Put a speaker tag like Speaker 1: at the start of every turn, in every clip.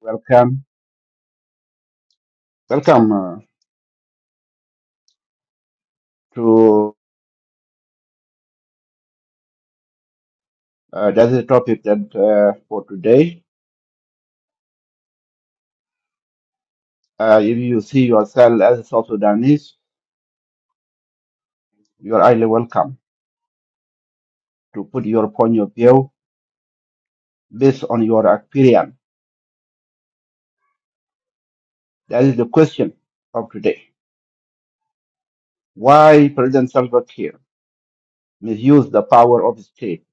Speaker 1: Welcome, welcome uh, to uh, that's the topic that uh, for today. Uh, if you see yourself as a South Sudanese, you are highly welcome to put your point of view based on your experience. That is the question of today. Why President Salva Kiir misused the power of state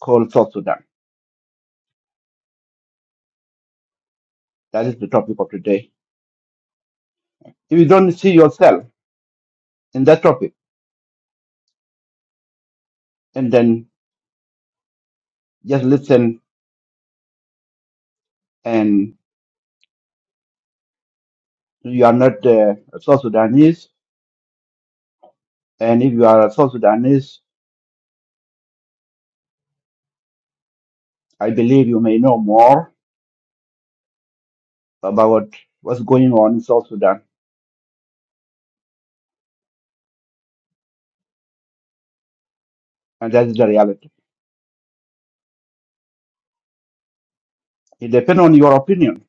Speaker 1: called South Sudan? That is the topic of today. If you don't see yourself in that topic, and then just listen, and you are not uh, a South Sudanese, And if you are a South Sudanese, I believe you may know more about what's going on in South Sudan. And that is the reality. It depends on your opinion.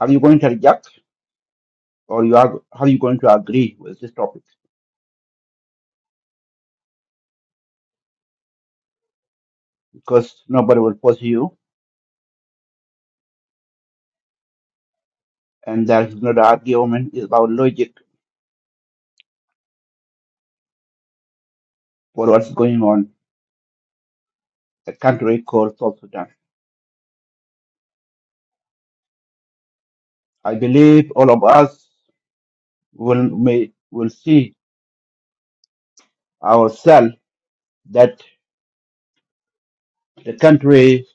Speaker 1: Are you going to reject or you are, are you going to agree with this topic? Because nobody will force you. And there is not an argument. It's about logic for what's going on in a country called South Sudan. I believe all of us will, may, will see ourselves that the country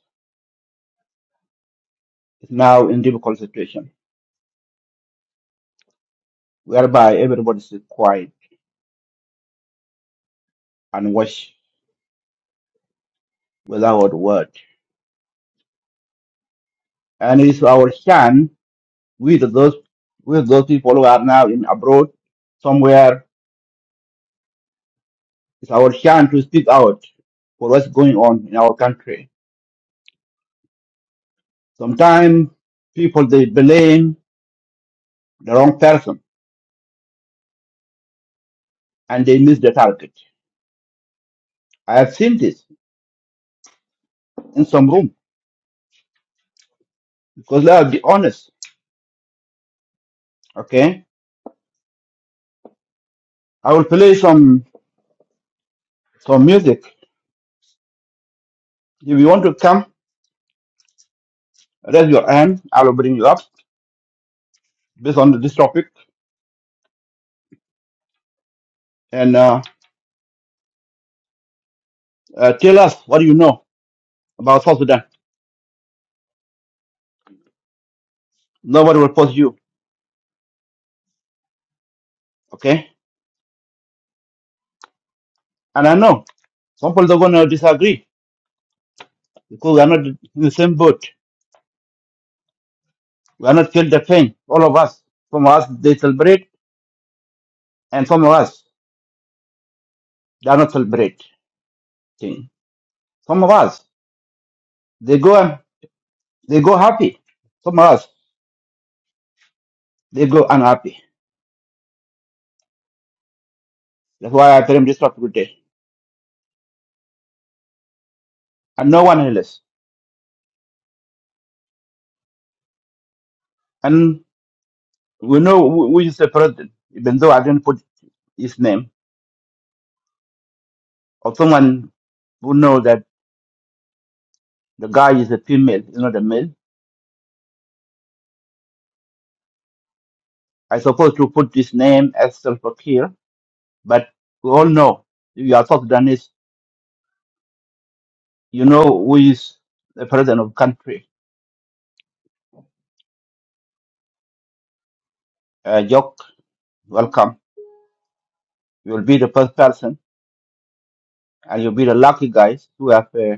Speaker 1: is now in difficult situation whereby everybody is quiet and watch without word. And it's our chance with those with those people who are now in abroad somewhere. It's our chance to speak out for what's going on in our country. Sometimes people they blame the wrong person and they miss the target. I have seen this in some room because let's be honest. Okay, I will play some some music. If you want to come, raise your hand. I will bring you up based on this topic and uh, uh, tell us what you know about South Sudan. Nobody will force you, okay? And I know some people are going to disagree because we are not in the same boat. We are not feel the pain, all of us. Some of us, they celebrate, and some of us, they are not celebrate. Thing. Some of us, they go and they go happy. Some of us, they go unhappy. That's why I claim this topic today. And no one else. And we know who who is the president, even though I didn't put his name, or someone who know that the guy is a female, is not a male I supposed to put his name as Salva Kiir, but we all know if you are South Sudanese, you know who is the president of country. Uh, Jock, welcome. You will be the first person, and you'll be the lucky guys who have. Uh,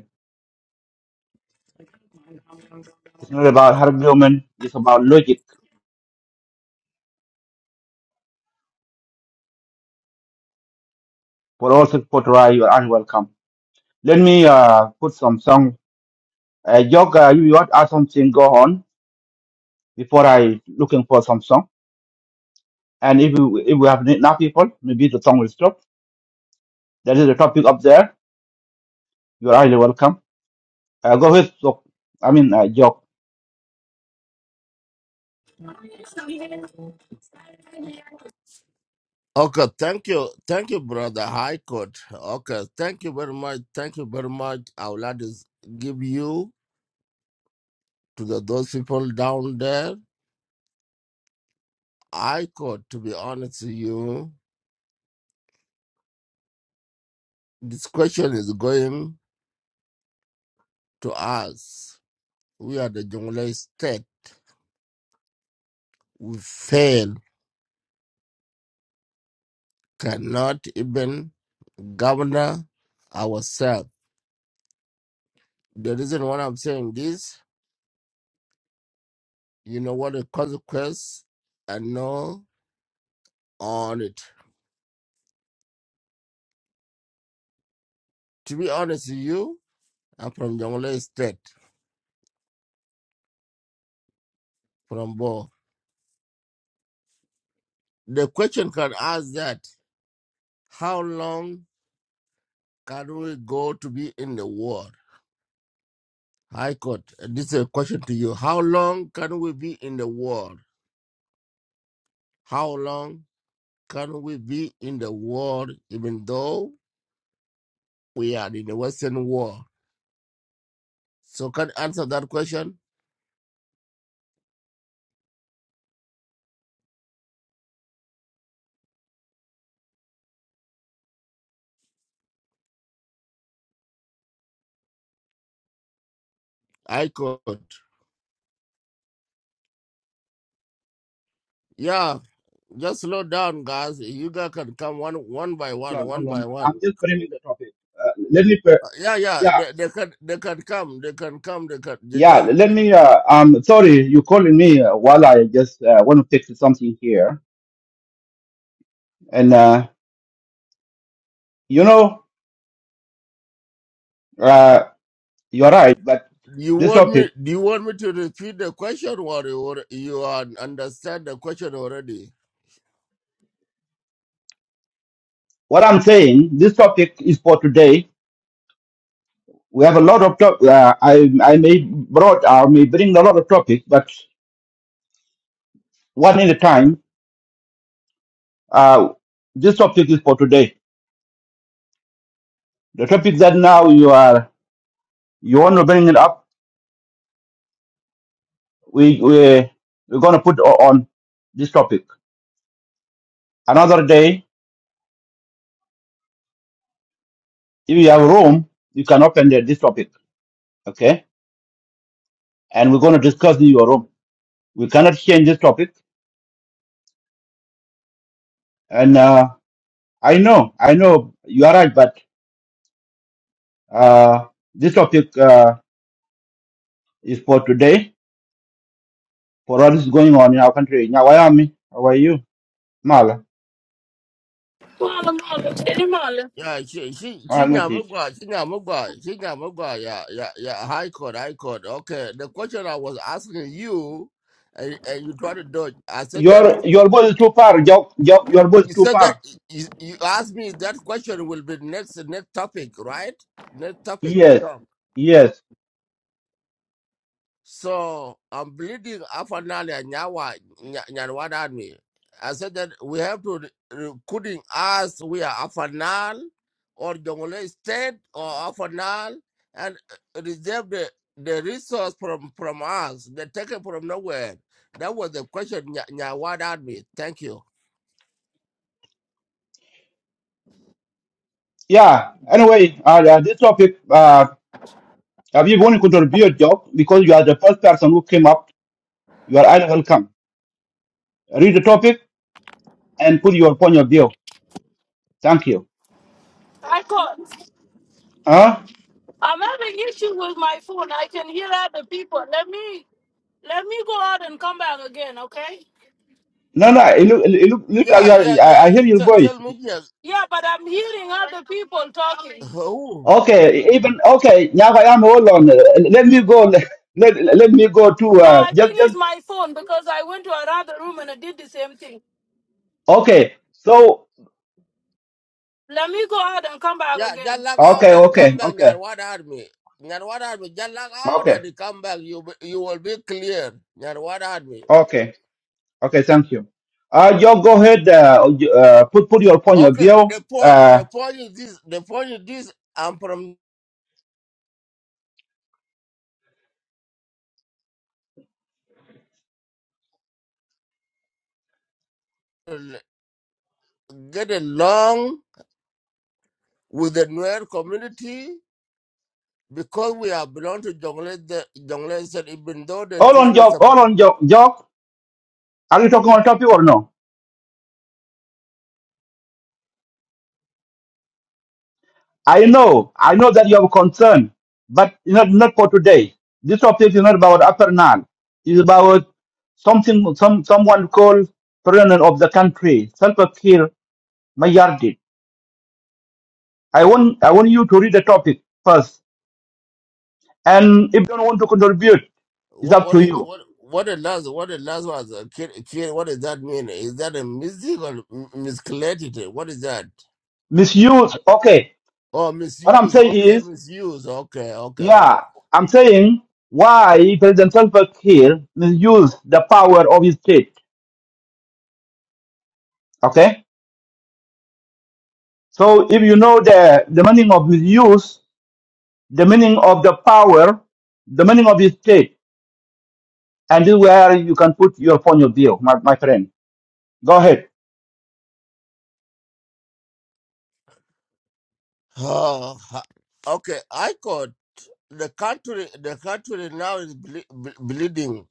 Speaker 1: it's not about argument; it's about logic. For all supporters, you are unwelcome. Let me uh, put some song. Uh, Jock, uh, you want to add something? Go on before I looking for some song. And if we, if we have enough people, maybe the song will stop. That is the topic up there. You are highly welcome. Uh, go ahead, Sok. I mean, uh, Jok.
Speaker 2: Okay, thank you. Thank you, brother High Court. Okay, thank you very much. Thank you very much. Our lad is give you to the, those people down there. High Court, to be honest with you, this question is going to us. We are the Jonglei state. We fail, cannot even govern ourselves. The reason why I'm saying this, you know what the consequence and know on it. To be honest with you, I'm from Jonglei State, from Bo. The question can ask that how long can we go to be in the war? High Court, uh, this is a question to you. How long can we be in the war? How long can we be in the war even though we are in the Western war? So can you answer that question? High Court. Yeah, just slow down, guys. You guys can come one one by
Speaker 1: Hold
Speaker 2: one,
Speaker 1: on,
Speaker 2: one
Speaker 1: hold
Speaker 2: by
Speaker 1: on.
Speaker 2: one.
Speaker 1: I'm just framing the topic. Uh, let me, pre-
Speaker 2: Uh, yeah, yeah.
Speaker 1: yeah,
Speaker 2: They, they can they can come. They can come. They can. They
Speaker 1: yeah.
Speaker 2: just.
Speaker 1: Let
Speaker 2: bring-
Speaker 1: me. Uh, am sorry, you calling me uh, while I just uh, want to fix something here. And uh, you know, uh, you're right. But
Speaker 2: Do you
Speaker 1: this
Speaker 2: want me?
Speaker 1: topic,
Speaker 2: Do you want me to repeat the question, or you or you un- understand the question already?
Speaker 1: what I'm saying, this topic is for today. We have a lot of top. Uh, I I may brought. I may bring a lot of topics, but one at a time. Uh, this topic is for today. The topic that now you are you want to bring it up we we we're gonna put o- on this topic another day. If you have room, you can open the, this topic, okay? And we're gonna discuss in your room. We cannot change this topic. And uh, I know, I know you are right, but uh, this topic uh, is for today. For what is going on in our country. Now, why am I? How are you, Mala?
Speaker 3: Mama, mama, tell him all.
Speaker 2: Yeah, she she she
Speaker 1: Malmatit.
Speaker 2: nyamugwa, she nyamugwa, she nyamugwa. Yeah, yeah, yeah. High court, high court. Okay. The question I was asking you, and, and you try to dodge. I said that
Speaker 1: Your your voice is too far. Your your your voice is
Speaker 2: you
Speaker 1: too
Speaker 2: said that
Speaker 1: far.
Speaker 2: you, you asked me that question will be next next topic, right? Next topic.
Speaker 1: Yes,
Speaker 2: so.
Speaker 1: yes,
Speaker 2: So I'm bleeding up and down there, Nyawa, Nya- Nyanwada Army. I said that we have to, re- recruiting us, we are Afanal or Jongole State or Afanal and uh, reserve the, the resource from, from us. They take it from nowhere. That was the question, Nya- Nyawad Army. Thank you.
Speaker 1: yeah. Anyway, uh, uh, this topic. uh, If you want to contribute, Job, because you are the first person who came up, you are highly welcome. Read the topic and put your point of view. Thank you.
Speaker 3: I call.
Speaker 1: Huh?
Speaker 3: I'm having issue with my phone. I can hear other people. Let me, let me go out and come back again, okay?
Speaker 1: No, no, it look, it look, look like
Speaker 2: Yeah,
Speaker 1: you are,
Speaker 2: yeah,
Speaker 1: I,
Speaker 2: yeah.
Speaker 1: I hear your
Speaker 2: Tell, tell
Speaker 1: voice.
Speaker 2: me, yes.
Speaker 3: Yeah, but I'm hearing other people talking.
Speaker 2: Who?
Speaker 1: Okay, even, okay, now I am, hold on. Let me go, let, let, me go to,
Speaker 3: No,
Speaker 1: uh,
Speaker 3: I think
Speaker 1: just,
Speaker 3: it's
Speaker 1: just,
Speaker 3: my phone because I went to another room and I did the same thing.
Speaker 1: okay. So,
Speaker 3: Let me go out and come back
Speaker 2: Yeah, just
Speaker 3: again.
Speaker 2: log out
Speaker 1: okay,
Speaker 2: and come
Speaker 1: okay,
Speaker 2: back,
Speaker 1: okay,
Speaker 2: Nyarwad Army. Nyarwad Army, just log out
Speaker 1: okay,
Speaker 2: and come back. You be- you will be clear, Nyarwad Army.
Speaker 1: okay, okay, thank you. Uh, Job, go ahead, uh, uh, put, put your point of
Speaker 2: Okay,
Speaker 1: view.
Speaker 2: the point
Speaker 1: Uh,
Speaker 2: the point is this the point is this I'm from get along with the Nuer community because we are belong to Jongle the Jongle said even though they
Speaker 1: hold
Speaker 2: try
Speaker 1: on,
Speaker 2: to
Speaker 1: Job,
Speaker 2: support
Speaker 1: hold on, Job, Are you talking on topic or no? I know, I know that you have concern, but not not for today. This topic is not about upper Nile. It's about something some someone called president of the country, Salva my Mayardit. I want I want you to read the topic first. And if you don't want to contribute, it's
Speaker 2: what
Speaker 1: up
Speaker 2: what
Speaker 1: to
Speaker 2: is
Speaker 1: you.
Speaker 2: what what the last what the last was uh, kid, kid, what does that mean? Is that a music or m- miscalculated? What is that?
Speaker 1: Misuse, okay.
Speaker 2: Oh,
Speaker 1: What I'm
Speaker 2: misuse.
Speaker 1: saying
Speaker 2: Okay,
Speaker 1: is,
Speaker 2: misuse. Okay, okay,
Speaker 1: yeah,
Speaker 2: okay.
Speaker 1: I'm saying why President Salva Kiir misused the power of his state. Okay? So if you know the, the meaning of misuse, the meaning of the power, the meaning of the state, and this is where you can put your point of view, my, my friend. Go ahead.
Speaker 2: Uh, okay, I got the country. The country now is ble- ble- bleeding.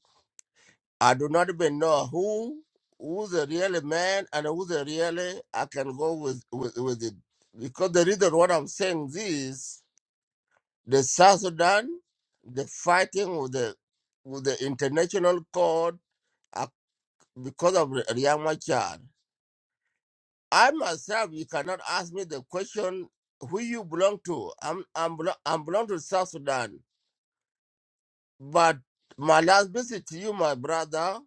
Speaker 2: I do not even know who who's a real man and who's a really I can go with with with it because the reason what I'm saying this the South Sudan the fighting with the with the international court uh, because of Riyad Machar. I myself, you cannot ask me the question who you belong to. I'm I'm belo- I'm belong to South Sudan. But my last visit to you, my brother,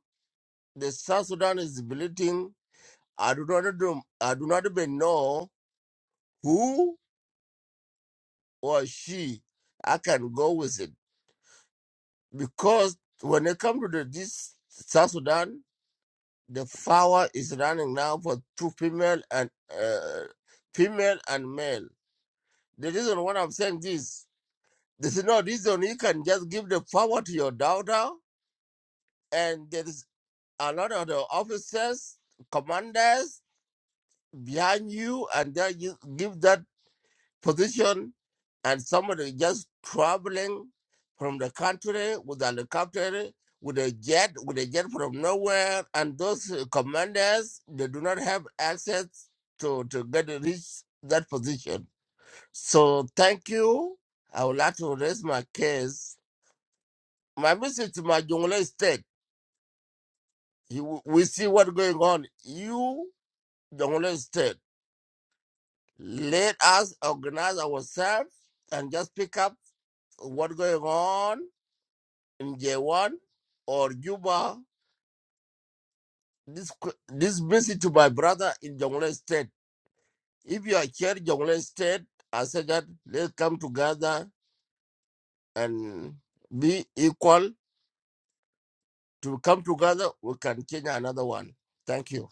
Speaker 2: the South Sudan is bleeding. I do not do, I do not even know who or she I can go with it because when it comes to the, this South Sudan, the power is running now for two female and uh, female and male. The reason why I'm saying this There's no reason you can just give the power to your daughter, and there is a lot of the officers, commanders behind you, and they you give that position, and somebody just traveling from the country with a helicopter, with a jet, with a jet from nowhere, and those uh, commanders they do not have access to to get reach that position. So thank you. I would like to raise my case My visit to my Jongle state, he, w- we see what's going on. You, Jongle state, let us organize ourselves and just pick up what's going on in J1 or Juba. This qu- this visit to my brother in Jongle state. If you are here, Jongle state, I say that let's come together and be equal. To come together, we can change another one. Thank you.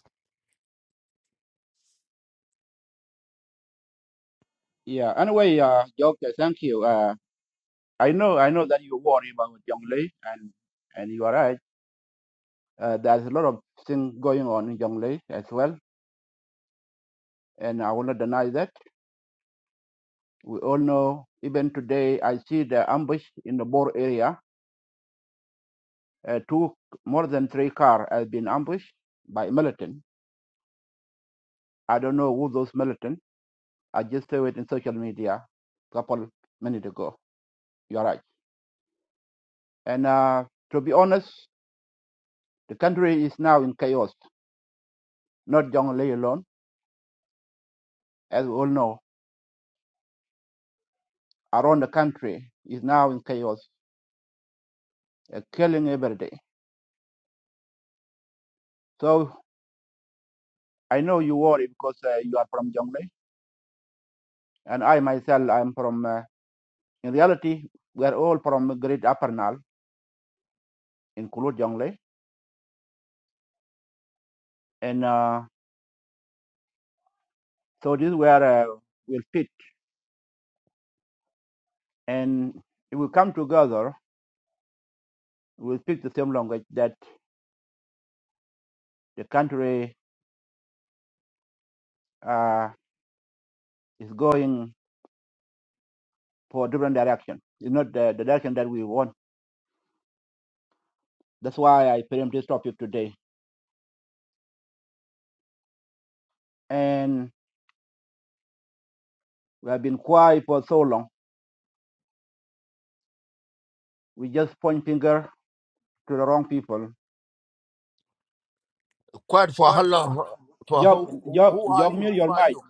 Speaker 2: Quiet for how long? For who? Who who are you? Who are you?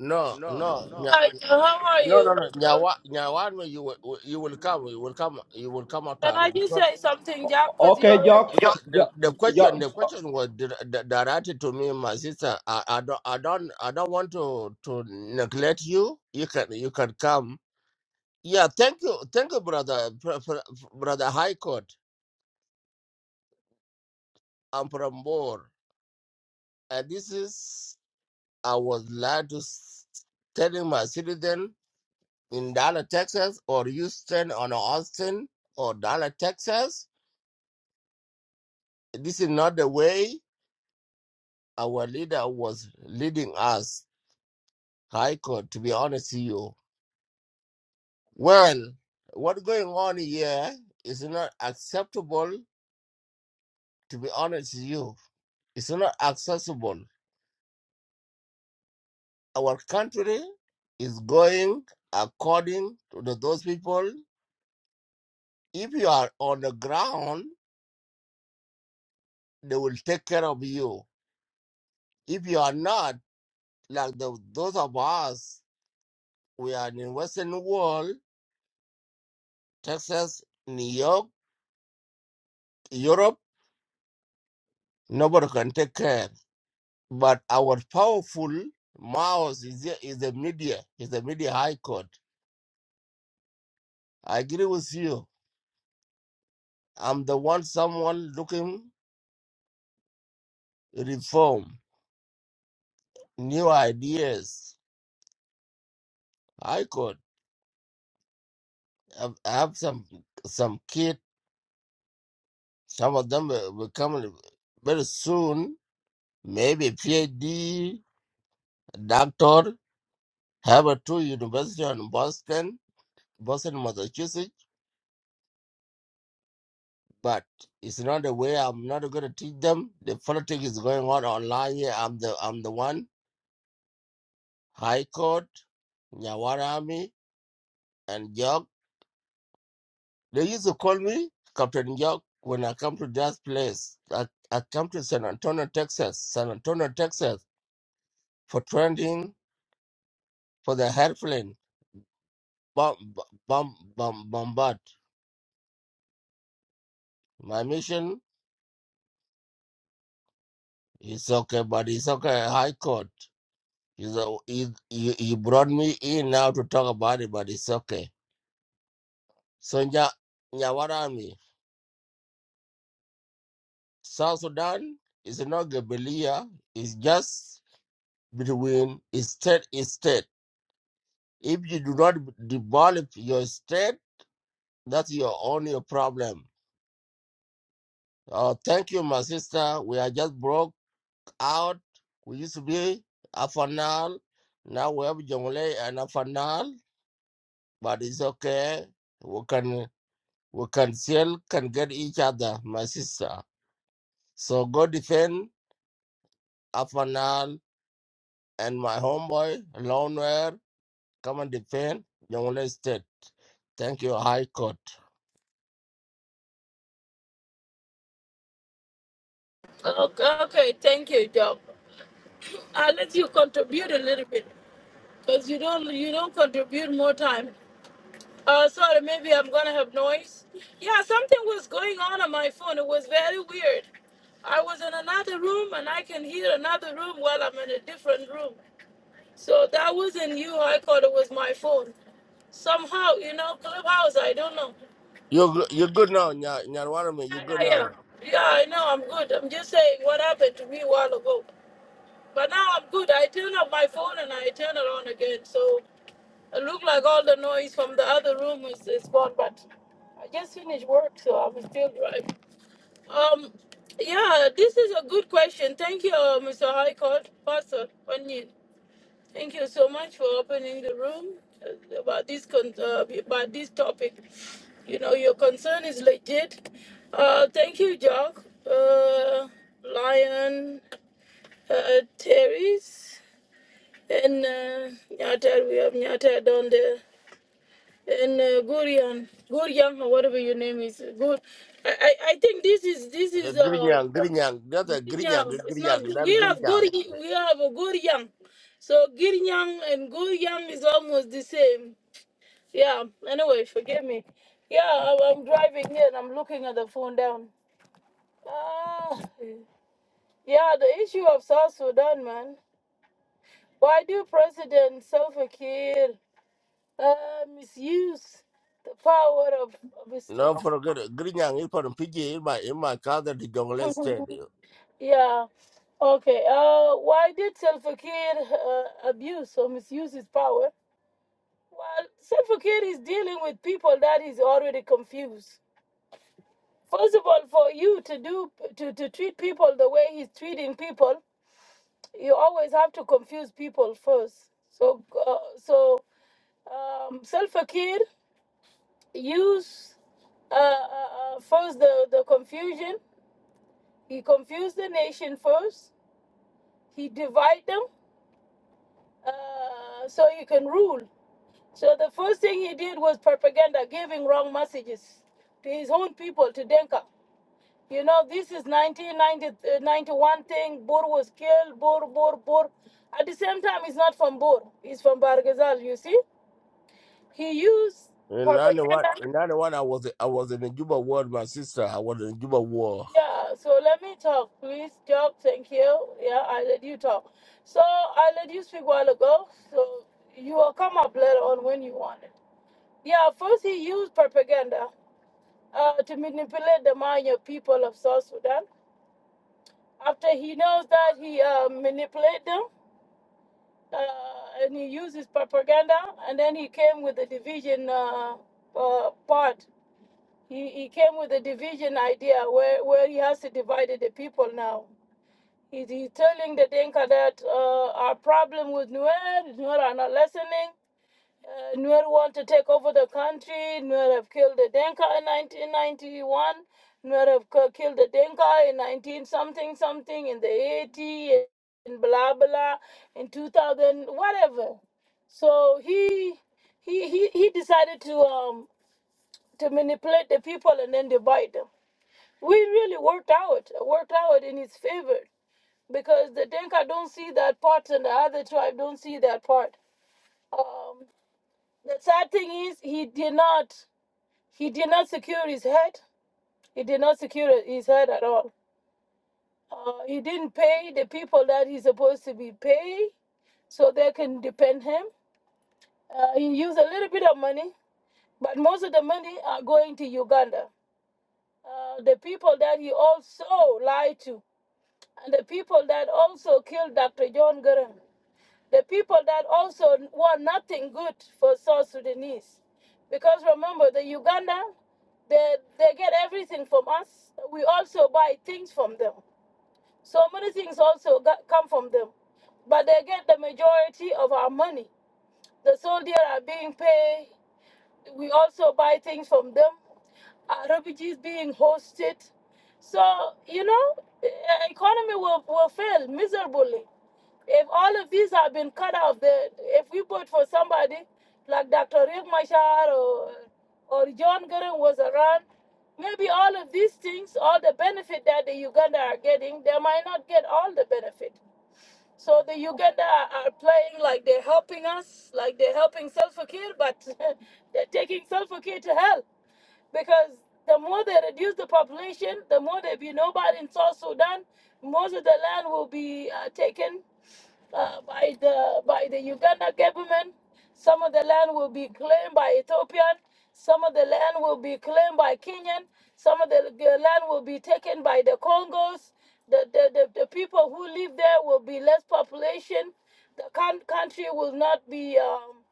Speaker 2: No, no, nya-
Speaker 3: Hi, how are
Speaker 2: no,
Speaker 3: you?
Speaker 2: no, no. Nyawa, Nyawanwa, you will, you will come, you will come, you will come out
Speaker 3: Can
Speaker 2: of
Speaker 3: I
Speaker 2: it
Speaker 3: just
Speaker 2: because
Speaker 3: say something, Jack? Because you're
Speaker 2: because the, the question, the question was dir- di- directed to me, my sister. I, I don't, I don't, I don't want to to neglect you. You can, you can come. Yeah, thank you, thank you, brother, Br- Br- brother High Court. I'm from Bor, and this is I was glad to s- telling my citizen in Dallas, Texas, or Houston or Austin or Dallas, Texas. This is not the way our leader was leading us. Haiko, to be honest with you. Well, what's going on here is not acceptable, to be honest with you. It's not accessible. Our country is going according to the, those people. If you are on the ground, they will take care of you. If you are not, like the, those of us, we are in Western world, Texas, New York, Europe. Nobody can take care. But our powerful mouse is the, is the media, is the media high court. I agree with you. I'm the one someone looking reform, new ideas. High court. I I have some some kid. Some of them will will come very soon. Maybe PhD, doctor. Harvard two University on Boston, Boston, Massachusetts, but it's not the way I'm not gonna teach them. The politics is going on online here. I'm the I'm the one. High Court, Nyawarami, and Jog. They used to call me Captain Jog when I come to that place. I, I come to San Antonio, Texas. San Antonio, Texas for training for the airplane bomb bomb bomb bombard. My mission is okay, but it's okay. High Court. You know, he you, you brought me in now to talk about it, but it's okay. So, Nya, Nyawarami, South Sudan is not Gabelia, it's just between state is state. If you do not develop your state, that's your only problem. Uh, thank you, my sister. We are just broke out. We used to be Afanal. Now we have Jongle and Afanal, but it's okay. We can. We can still can get each other, my sister. So go defend Afanal and my homeboy Lonewear. Come and defend Jongle State. Thank you, High Court.
Speaker 3: okay. Okay, thank you, Jack. I'll let you contribute a little bit because you don't you don't contribute more time. Uh, sorry, maybe I'm gonna have noise. Yeah, something was going on on my phone. It was very weird. I was in another room and I can hear another room while I'm in a different room. So that wasn't you. I thought it was my phone. Somehow, you know, clubhouse. I don't know.
Speaker 2: You go- you good now, Nya Nyanwarame, you
Speaker 3: Yeah,
Speaker 2: good
Speaker 3: yeah, yeah.
Speaker 2: now.
Speaker 3: Yeah, I know. I'm good. I'm just saying what happened to me a while ago. But now I'm good. I turn off my phone and I turn it on again. So it looked like all the noise from the other room is, is gone. But I just finished work, so I'm still driving. Um, yeah, this is a good question. Thank you, uh, Mr. High Court Pastor Onion. Thank you so much for opening the room uh, about this con- uh, about this topic. You know, your concern is legit. Uh, thank you, Jock, uh, Lion, uh, Terry's, and uh, Nyata. We have Nyata down there, and uh, Gurian, Gurian, or whatever your name is. Good. I, I I think this is this
Speaker 2: Eh,
Speaker 3: is uh.
Speaker 2: Grinyang, Grinyang, that's a Grinyang,
Speaker 3: young. It's not
Speaker 2: Grinyang,
Speaker 3: good.
Speaker 2: that
Speaker 3: We have
Speaker 2: Grinyang.
Speaker 3: good. We have a good young. So good and good young is almost the same. Yeah. Anyway, forgive me. Yeah, I- I'm driving here and I'm looking at the phone down. Ah. yeah, the issue of South Sudan, man. Why do President Salva Kiir uh, misuse the power of, of his?
Speaker 2: No forget it. Grinyang is from Fiji in my in my cousin the Jongle State.
Speaker 3: yeah. Okay. Uh, why did Salva Kiir uh, abuse or misuse his power? Well, Self-Care is dealing with people that is already confused. First of all, for you to do to, to treat people the way he's treating people, you always have to confuse people first. So uh, so um, Self-Care use uh, uh, uh, first the the confusion. He confused the nation first. He divide them uh, so he can rule. So the first thing he did was propaganda, giving wrong messages to his own people to Denka. You know, this is 1991 thing. Bur was killed. Bur, Bur, Bur. At the same time, he's not from Bur. He's from Bargazal, you see? He used
Speaker 2: In ninety one
Speaker 3: propaganda.
Speaker 2: in ninety one I was I was in the Juba War, my sister. I was in the Juba War.
Speaker 3: Yeah, so let me talk, please. Talk, thank you. Yeah, I let you talk. So I let you speak a while ago. So you will come up later on when you want it. Yeah, first he used propaganda uh, to manipulate the Maya people of South Sudan. After he knows that, he uh, manipulate them uh, and he used his propaganda, and then he came with the division uh, uh, part. He, he came with the division idea where, where he has to divide the people now. He, he's telling the Dinka that uh, our problem with Nuer, Nuer are not listening, uh, Nuer want to take over the country. Nuer have killed the Denka in 1991. Nuer have killed the Denka in 19 something something in the 80s. In blah blah in 2000 whatever. So he he he, he decided to um to manipulate the people and then divide them. We really worked out worked out in his favor because the Denka don't see that part and the other tribe don't see that part. Um. The sad thing is he did not he did not secure his head. He did not secure his head at all. Uh, he didn't pay the people that he's supposed to be pay, so they can depend him. Uh, he used a little bit of money, but most of the money are going to Uganda. Uh, the people that he also lied to, and the people that also killed Dr. John Gurren. the people that also want nothing good for South Sudanese. Because remember, the Uganda, they, they get everything from us. We also buy things from them. So many things also got, come from them. But they get the majority of our money. The soldiers are being paid, we also buy things from them. Uh, refugees being hosted. So, you know, e- economy will, will fail miserably. If all of these have been cut off, the, if we vote for somebody like Dr. Riek Machar or, or John Gurren was around, maybe all of these things, all the benefit that the Uganda are getting, they might not get all the benefit. So the Uganda are playing like they're helping us, like they're helping Salva Kiir, but they're taking Salva Kiir to hell because the more they reduce the population, the more there be nobody in South Sudan, most of the land will be uh, taken uh, by the by the Uganda government. Some of the land will be claimed by Ethiopian. Some of the land will be claimed by Kenyan. Some of the the land will be taken by the Congos. The, the, the, the people who live there will be less population. The coun- country will not be um,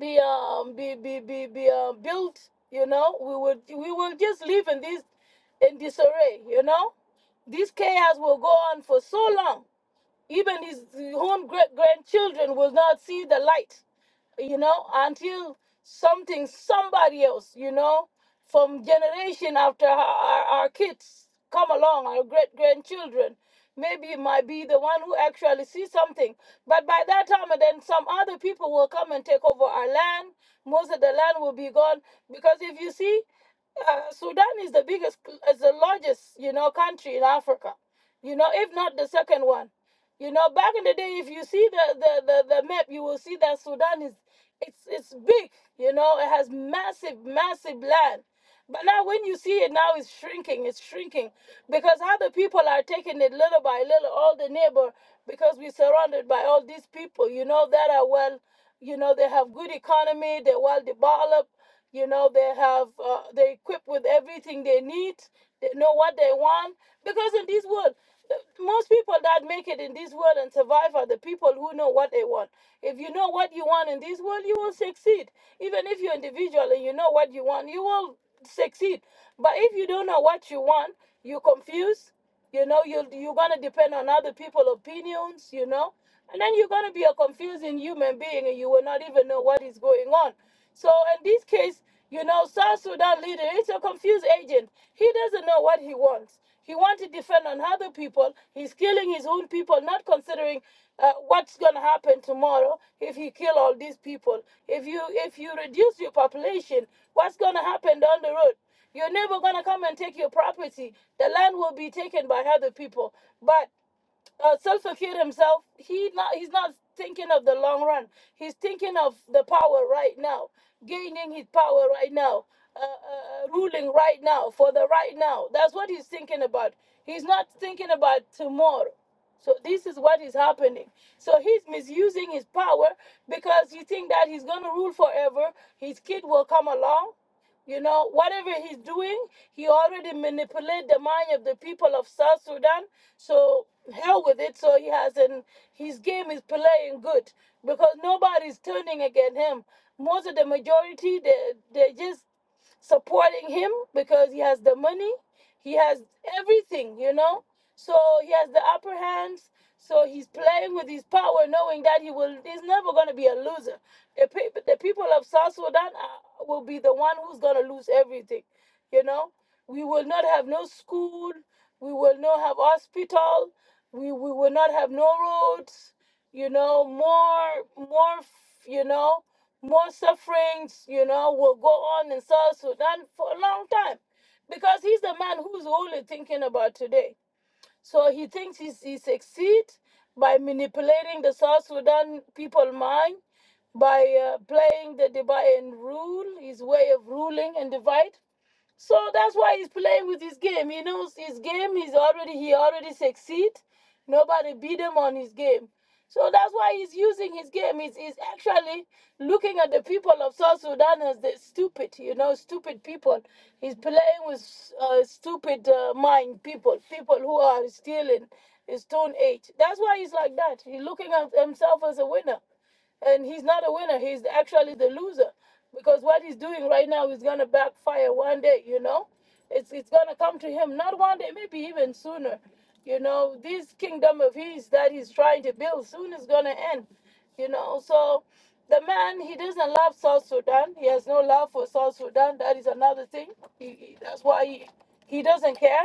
Speaker 3: be um be be be, be uh, built you know we would we will just live in this in disarray you know this chaos will go on for so long even his own great grandchildren will not see the light, you know, until something, somebody else, you know, from generation after our, our our kids come along, our great grandchildren. Maybe it might be the one who actually sees something. But by that time, and then some other people will come and take over our land. Most of the land will be gone. Because if you see, uh, Sudan is the biggest, is the largest, you know, country in Africa. You know, if not the second one. You know, back in the day, if you see the the the, the map, you will see that Sudan is it's it's big. You know, it has massive, massive land. But now when you see it now it's shrinking, it's shrinking. Because how the people are taking it little by little, all the neighbor, because we're surrounded by all these people, you know, that are well, you know, they have good economy, they're well developed, you know, they have, uh, they're equipped with everything they need, they know what they want. Because in this world, the- most people that make it in this world and survive are the people who know what they want. If you know what you want in this world, you will succeed. Even if you're individual and you know what you want, you will succeed. But if you don't know what you want, you're confused. You know, you you're gonna depend on other people's opinions. You know, and then you're gonna be a confusing human being, and you will not even know what is going on. So in this case, you know, South Sudan leader is a confused agent. He doesn't know what he wants. He wants to defend on other people. He's killing his own people, not considering uh, what's going to happen tomorrow if he kill all these people. If you if you reduce your population, what's going to happen down the road? You're never going to come and take your property. The land will be taken by other people. But uh, Self-Fakir himself, he not, he's not thinking of the long run. He's thinking of the power right now, gaining his power right now, uh, uh, uh, ruling right now for the right now. That's what he's thinking about. He's not thinking about tomorrow. So this is what is happening. So he's misusing his power because he think that he's gonna rule forever. His kid will come along. You know, whatever he's doing, he already manipulated the mind of the people of South Sudan. So hell with it. So he hasn't. His game is playing good because nobody's turning against him. Most of the majority, they they are just supporting him because he has the money, he has everything, you know. So he has the upper hands. So he's playing with his power, knowing that he will. He's never gonna be a loser. The people, the people of South Sudan are, will be the one who's gonna lose everything. You know, we will not have no school. We will not have hospital. We we will not have no roads. You know, more more. f- You know, more sufferings. You know, will go on in South Sudan for a long time, because he's the man who's only thinking about today so he thinks he's, he succeed by manipulating the South Sudan people mind by uh, playing the divide and rule, his way of ruling and divide. So that's why he's playing with his game. He knows his game. He's already he already succeed. Nobody beat him on his game. So that's why he's using his game. He's, he's actually looking at the people of South Sudan as the stupid, you know, stupid people. He's playing with uh, stupid uh, mind people, people who are still in Stone Age. That's why he's like that. He's looking at himself as a winner and he's not a winner. He's actually the loser because what he's doing right now is gonna backfire one day. You know, it's it's gonna come to him not one day, maybe even sooner. You know, this kingdom of his that he's trying to build soon is gonna end. You know, so the man he doesn't love South Sudan. He has no love for South Sudan. That is another thing. He, he- that's why he he doesn't care.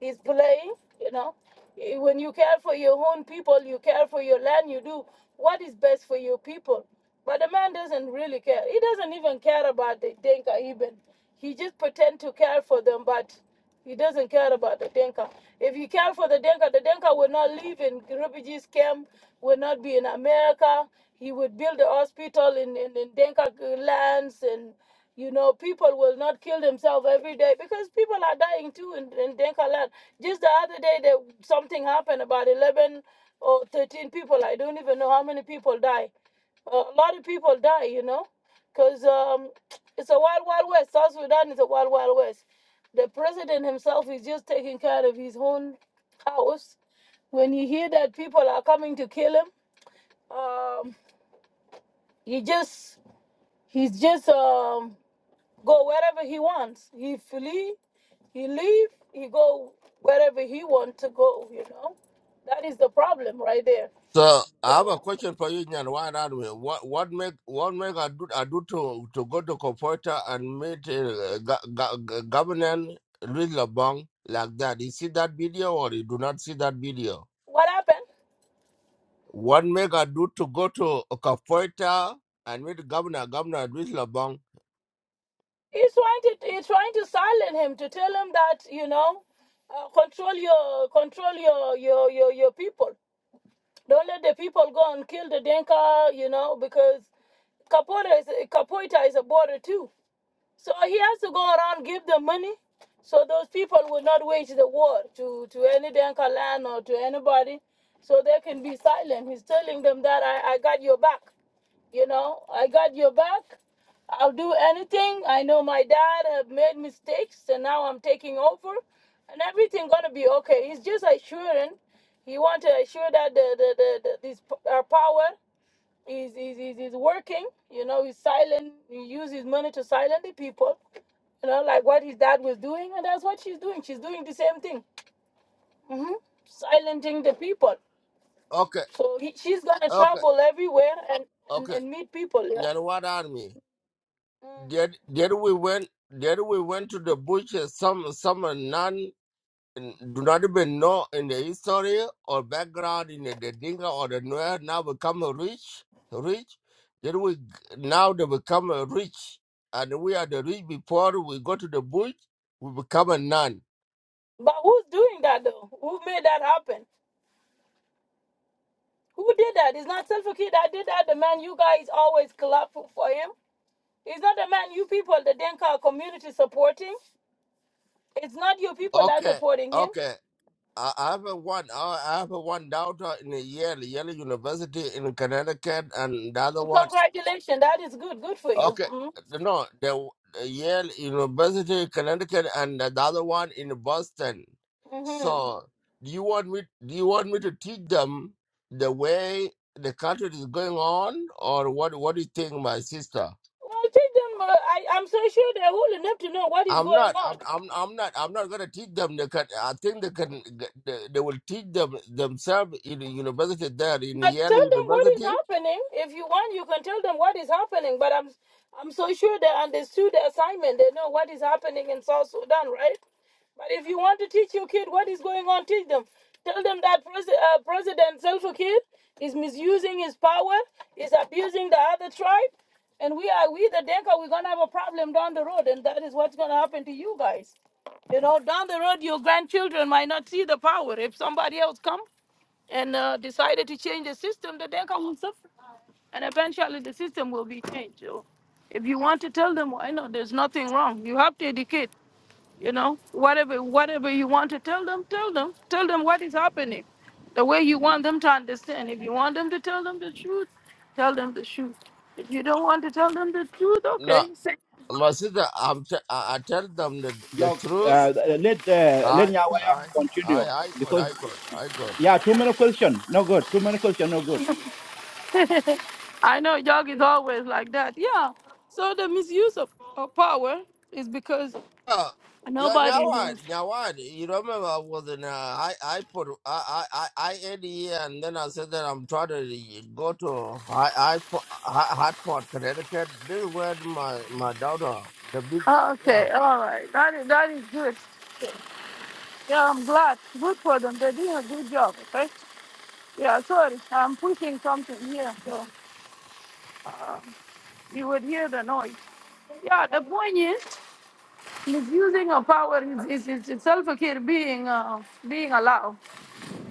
Speaker 3: He's playing. You know. Eh, When you care for your own people, you care for your land, you do what is best for your people. But the man doesn't really care. He doesn't even care about the Denka even. He just pretend to care for them, but he doesn't care about the Denka. If you care for the Denka, the Denka will not live in refugees camp, will not be in America. He would build a hospital in, in, in Denka lands and you know, people will not kill themselves every day because people are dying too in, in Denka land. Just the other day, there, something happened about 11 or 13 people. I don't even know how many people die. Uh, a lot of people die, you know, because um, it's a wild, wild west. South Sudan is a wild, wild west. The president himself is just taking care of his own house. When you hear that people are coming to kill him, um, he just he's just um, go wherever he wants. He flee, he leave, he go wherever he want to go. You know, that is the problem right there.
Speaker 2: So I have a
Speaker 3: So
Speaker 2: question for you, Nyan. Why not? we- What what make what make I do I do to to go to Comforter and meet uh, go- go- go- Governor Louis Labong like that? You see that video or you do not see that video?
Speaker 3: what happened?
Speaker 2: What make I do to go to Comforter and meet Governor Governor Louis Labong?
Speaker 3: He's trying to he's trying to silence him to tell him that you know, uh, control your control your, your your your people. Don't let the people go and kill the Denka. You know because Kapoita is Kapoita is a border too. So he has to go around give them money, so those people will not wage the war to to any Denka land or to anybody, so they can be silent. He's telling them that I, I got your back, you know, I got your back. I'll do anything. I know my dad have made mistakes, and now I'm taking over, and everything gonna be okay. He's just assuring. He want to assure that the the, the, the this our power He's, he's, he's, he's working, you know, he's silent, he uses his money to silence the people, you know, like what his dad was doing, and that's what she's doing. She's doing the same thing, hmm silencing the people.
Speaker 2: Okay,
Speaker 3: So he, she's gonna
Speaker 2: okay,
Speaker 3: travel everywhere and, and,
Speaker 2: okay.
Speaker 3: and meet people, yeah.
Speaker 2: Nyan, what army?
Speaker 3: Mm.
Speaker 2: Did did we went did we went to the bush uh, some some non? do not even know in the history or background in the, the Dinka or the Nuer now become a rich, rich. Then we now they become a rich, and we are the rich before we go to the bush. We become a nun.
Speaker 3: But who's doing that though? Who made that happen? Who did that? It's not Self Kid that did that. The man you guys always clap for for him. It's not the man you people, the Denka community supporting. It's not your people that
Speaker 2: Okay,
Speaker 3: supporting him.
Speaker 2: okay. I I have a one. I I have a one daughter in a Yale, Yale University in Connecticut, and the other one.
Speaker 3: Congratulations, that is good. Good for you.
Speaker 2: Okay,
Speaker 3: Mm-hmm.
Speaker 2: no, the the Yale University Connecticut and the other one in Boston.
Speaker 3: Mm-hmm.
Speaker 2: So, do you want me? Do you want me to teach them the way the country is going on, or what? What do you think, my sister?
Speaker 3: Well, children, uh, I, I'm so sure they're old enough to know what is
Speaker 2: I'm
Speaker 3: going
Speaker 2: not. I'm.
Speaker 3: on.
Speaker 2: I'm. I'm not. I'm not gonna teach them. They can, I think they can. They, they will teach them themselves in the university there in
Speaker 3: But
Speaker 2: Yale
Speaker 3: tell them what is
Speaker 2: University.
Speaker 3: happening. If you want, you can tell them what is happening. But I'm I'm so sure they understood the assignment. They know what is happening in South Sudan, right? But if you want to teach your kid what is going on, teach them. Tell them that pres- uh, President Zelfa kid is misusing his power, is abusing the other tribe, and we are we the Denka. We're gonna have a problem down the road, and that is what's gonna happen to you guys. You know, down the road, your grandchildren might not see the power if somebody else come and uh, decided to change the system, the Denka will suffer. And eventually the system will be changed. So if you want to tell them, I know there's nothing wrong. You have to educate, you know, whatever whatever you want to tell them, tell them. Tell them what is happening. The way you want them to understand. If you want them to tell them the truth, tell them the truth. If you don't want to tell them the truth,
Speaker 2: No,
Speaker 3: okay. Say-
Speaker 2: my sister. I'm. T- I I tell them the the truth I, I, I, I could, I could, I could.
Speaker 3: I know Jog is always like that. Yeah. So the misuse of, of power is because
Speaker 2: Uh, yeah,
Speaker 3: nobody
Speaker 2: Nyawad, Nyawad, you remember I was in, uh, I, I put, I, I, I I ate here and then I said that I'm trying to go to I, I, Hi- Hartford, Connecticut. This is where my, my daughter, the big,
Speaker 3: Oh,
Speaker 2: yeah.
Speaker 3: Okay, all right. That is, that is good. Yeah, I'm glad. Good for them. They're doing a good job, okay? Yeah, sorry. I'm pushing something here, so you would hear the noise. Yeah, the point is, misusing of power is, is, is itself a kid being, uh, being allowed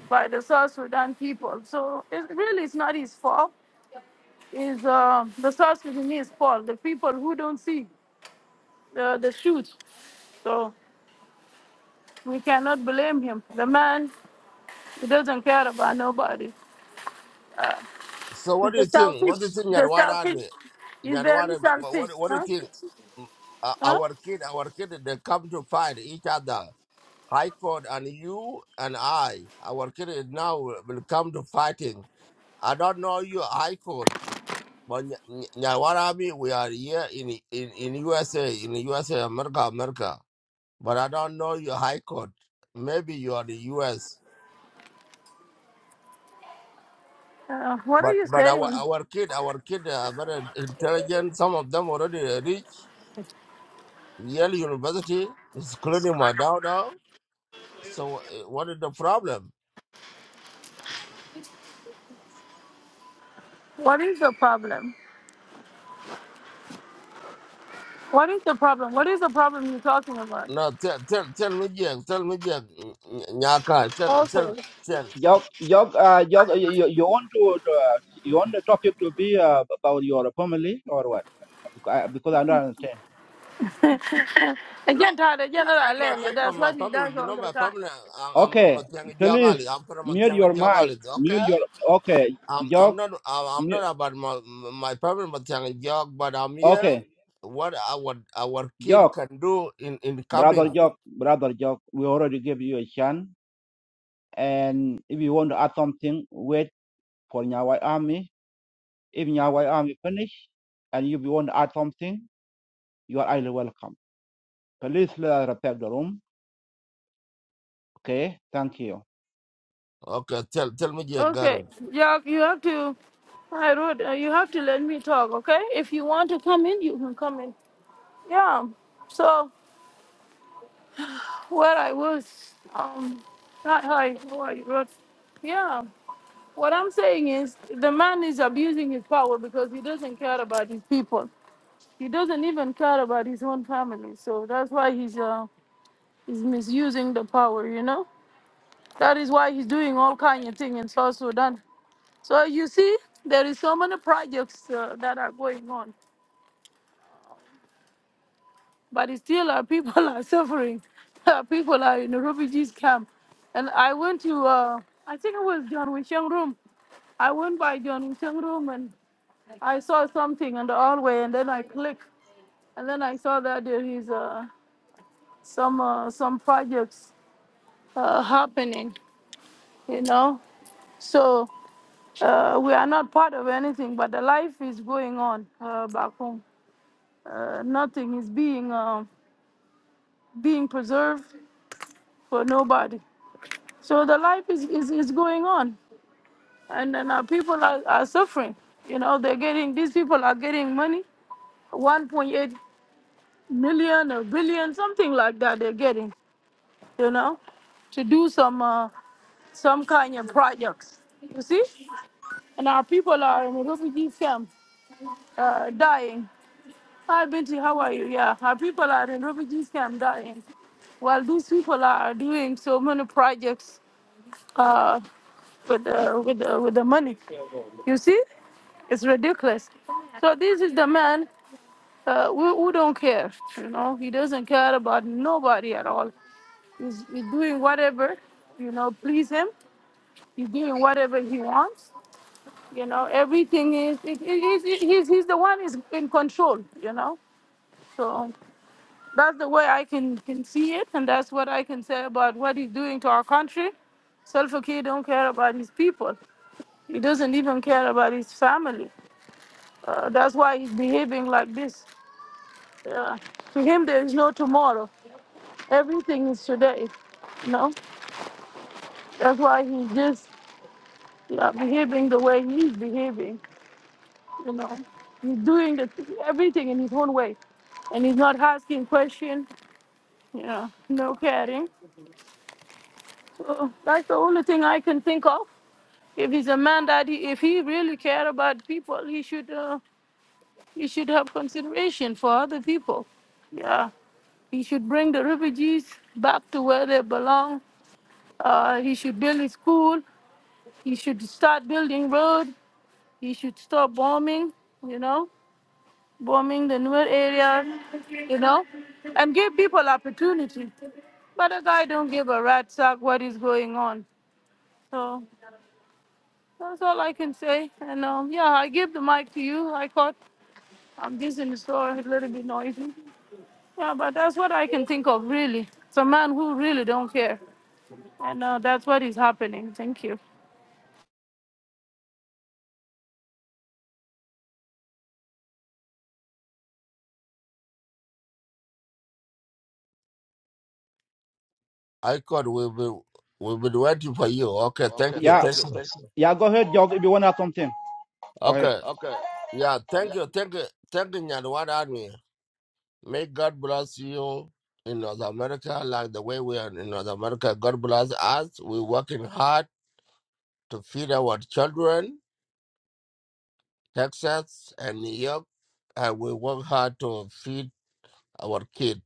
Speaker 3: by the South Sudan people. So it really is not his fault. It's uh, the South Sudanese fault, the people who don't see the, the shoot. So we cannot blame him. The man, he doesn't care about nobody.
Speaker 2: So what
Speaker 3: It's
Speaker 2: do
Speaker 3: a
Speaker 2: you think?
Speaker 3: selfish,
Speaker 2: What do you think
Speaker 3: the
Speaker 2: Nyawad
Speaker 3: selfish
Speaker 2: Army?
Speaker 3: is
Speaker 2: Nyawad
Speaker 3: very
Speaker 2: Army, what, what,
Speaker 3: selfish.
Speaker 2: what do
Speaker 3: Huh?
Speaker 2: you think? Mm, Uh,
Speaker 3: Huh?
Speaker 2: our kid, our kid, they come to fight each other. High Court and you and I, our kids now will come to fighting. I don't know you, High Court, but Nya- Nya- Nyawarami, we are here in, in, in USA, in USA, America, America. But I don't know you, High Court. Maybe you are the US.
Speaker 3: Uh, what are
Speaker 2: But
Speaker 3: you
Speaker 2: but our
Speaker 3: saying?
Speaker 2: our kid, our kid are very intelligent. Some of them already reach Yale University, including my daughter. So uh, what is the problem?
Speaker 3: What is the problem? What is the problem? What is the problem you're talking about?
Speaker 2: No, tell tell tell me Jack, tell me Jack mm, mm, Nyaka, tell tell
Speaker 3: Also,
Speaker 2: tell.
Speaker 3: again, Todd, again, not
Speaker 2: Not here
Speaker 3: alone.
Speaker 2: from
Speaker 3: That's
Speaker 2: my
Speaker 3: what he
Speaker 2: family.
Speaker 3: does
Speaker 2: You
Speaker 3: all
Speaker 2: know
Speaker 3: the
Speaker 2: my
Speaker 3: time.
Speaker 2: family. I- I'm I'm a Tianga Jagali. I'm from a Tianga Jagali. Okay. I'm I'm not I'm I'm not about my my family but Tianga Jog, but I'm here. What our our kid can do in in coming. Okay. Tell tell me Jack
Speaker 3: Okay,
Speaker 2: Garen.
Speaker 3: yeah, you have to, I wrote, uh, you have to let me talk, okay? If you want to come in, you can come in. Yeah, so where I was, um, hi, hi, how are you, Ruth? Yeah. What I'm saying is the man is abusing his power because he doesn't care about his people. He doesn't even care about his own family. So that's why he's uh, he's misusing the power, you know? That is why he's doing all kind of thing in South Sudan. So you see, there is so many projects uh, that are going on, but it's still our people are suffering. Our people are in a refugees camp. And I went to, uh, I think it was John Wishang Room. I went by John Wishang Room and. I saw something in the hallway, and then I clicked, and then I saw that there is uh, some uh, some projects uh, happening. You know, so uh, we are not part of anything, but the life is going on uh, back home. Uh, nothing is being uh, being preserved for nobody. So the life is is, is going on, and then our people are, are suffering. You know, they're getting these people are getting money, 1.8 million or billion, something like that. They're getting you know, to do some uh, some kind of projects. You see, and our people are in refugee camp uh, dying. Hi, Binti, how are you? Yeah, our people are in refugee camp dying. While these people are doing so many projects uh, with the with the, with the money. You see, it's ridiculous. So this is the man uh, who, who don't care. You know, he doesn't care about nobody at all. He's, he's doing whatever you know please him He's doing whatever he wants. You know, everything is, it, it, it, it- he's, he's the one is in control, you know. So that's the way I can, can see it. And that's what I can say about what he's doing to our country. Salva Kiir don't care about his people. He doesn't even care about his family. Uh, that's why he's behaving like this. Uh, to him, there is no tomorrow. Everything is today. You know, that's why he's just yeah, behaving the way he's behaving. You know, he's doing the, everything in his own way, and he's not asking questions. You know, no caring. So that's the only thing I can think of. If he's a man that he, if he really care about people, he should uh, he should have consideration for other people. Yeah, he should bring the refugees back to where they belong. Uh, he should build a school. He should start building road. He should stop bombing. You know, bombing the newer areas, you know, and give people opportunity. But the guy don't give a rat's sack what is going on. So that's all I can say. And um, yeah, I give the mic to you. I caught I'm just in the store, a little bit noisy. Yeah, but that's what I can think of really. It's a man who really don't care. And uh, that's what is happening. Thank you.
Speaker 2: I could we be we be waiting for you. Okay. Thank you. Thank you. Okay. Yeah. Thank you. Thank you. Thank you. Nyadwada May God bless you in North America, like the way we are in North America. God bless us. We're working hard to feed our children, Texas and New York, and we work hard to feed our kids.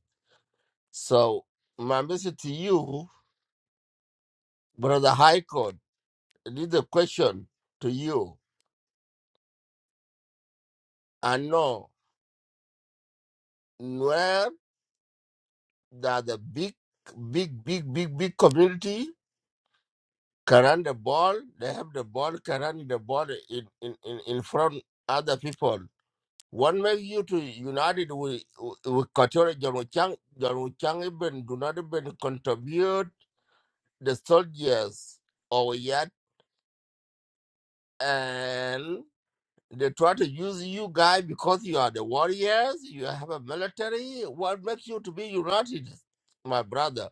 Speaker 2: So, my message to you, Brother High Court, this is a question to you. I know where there are the big, big, big, big, big community Carrying the ball, they have the ball, carrying the ball in, in, in, in front other people. What makes you to united with with Katora Jamuchang? Jamuchang even do not even contribute the soldiers or yet, and they try to use you guys because you are the warriors. You have a military. What makes you to be united, my brother?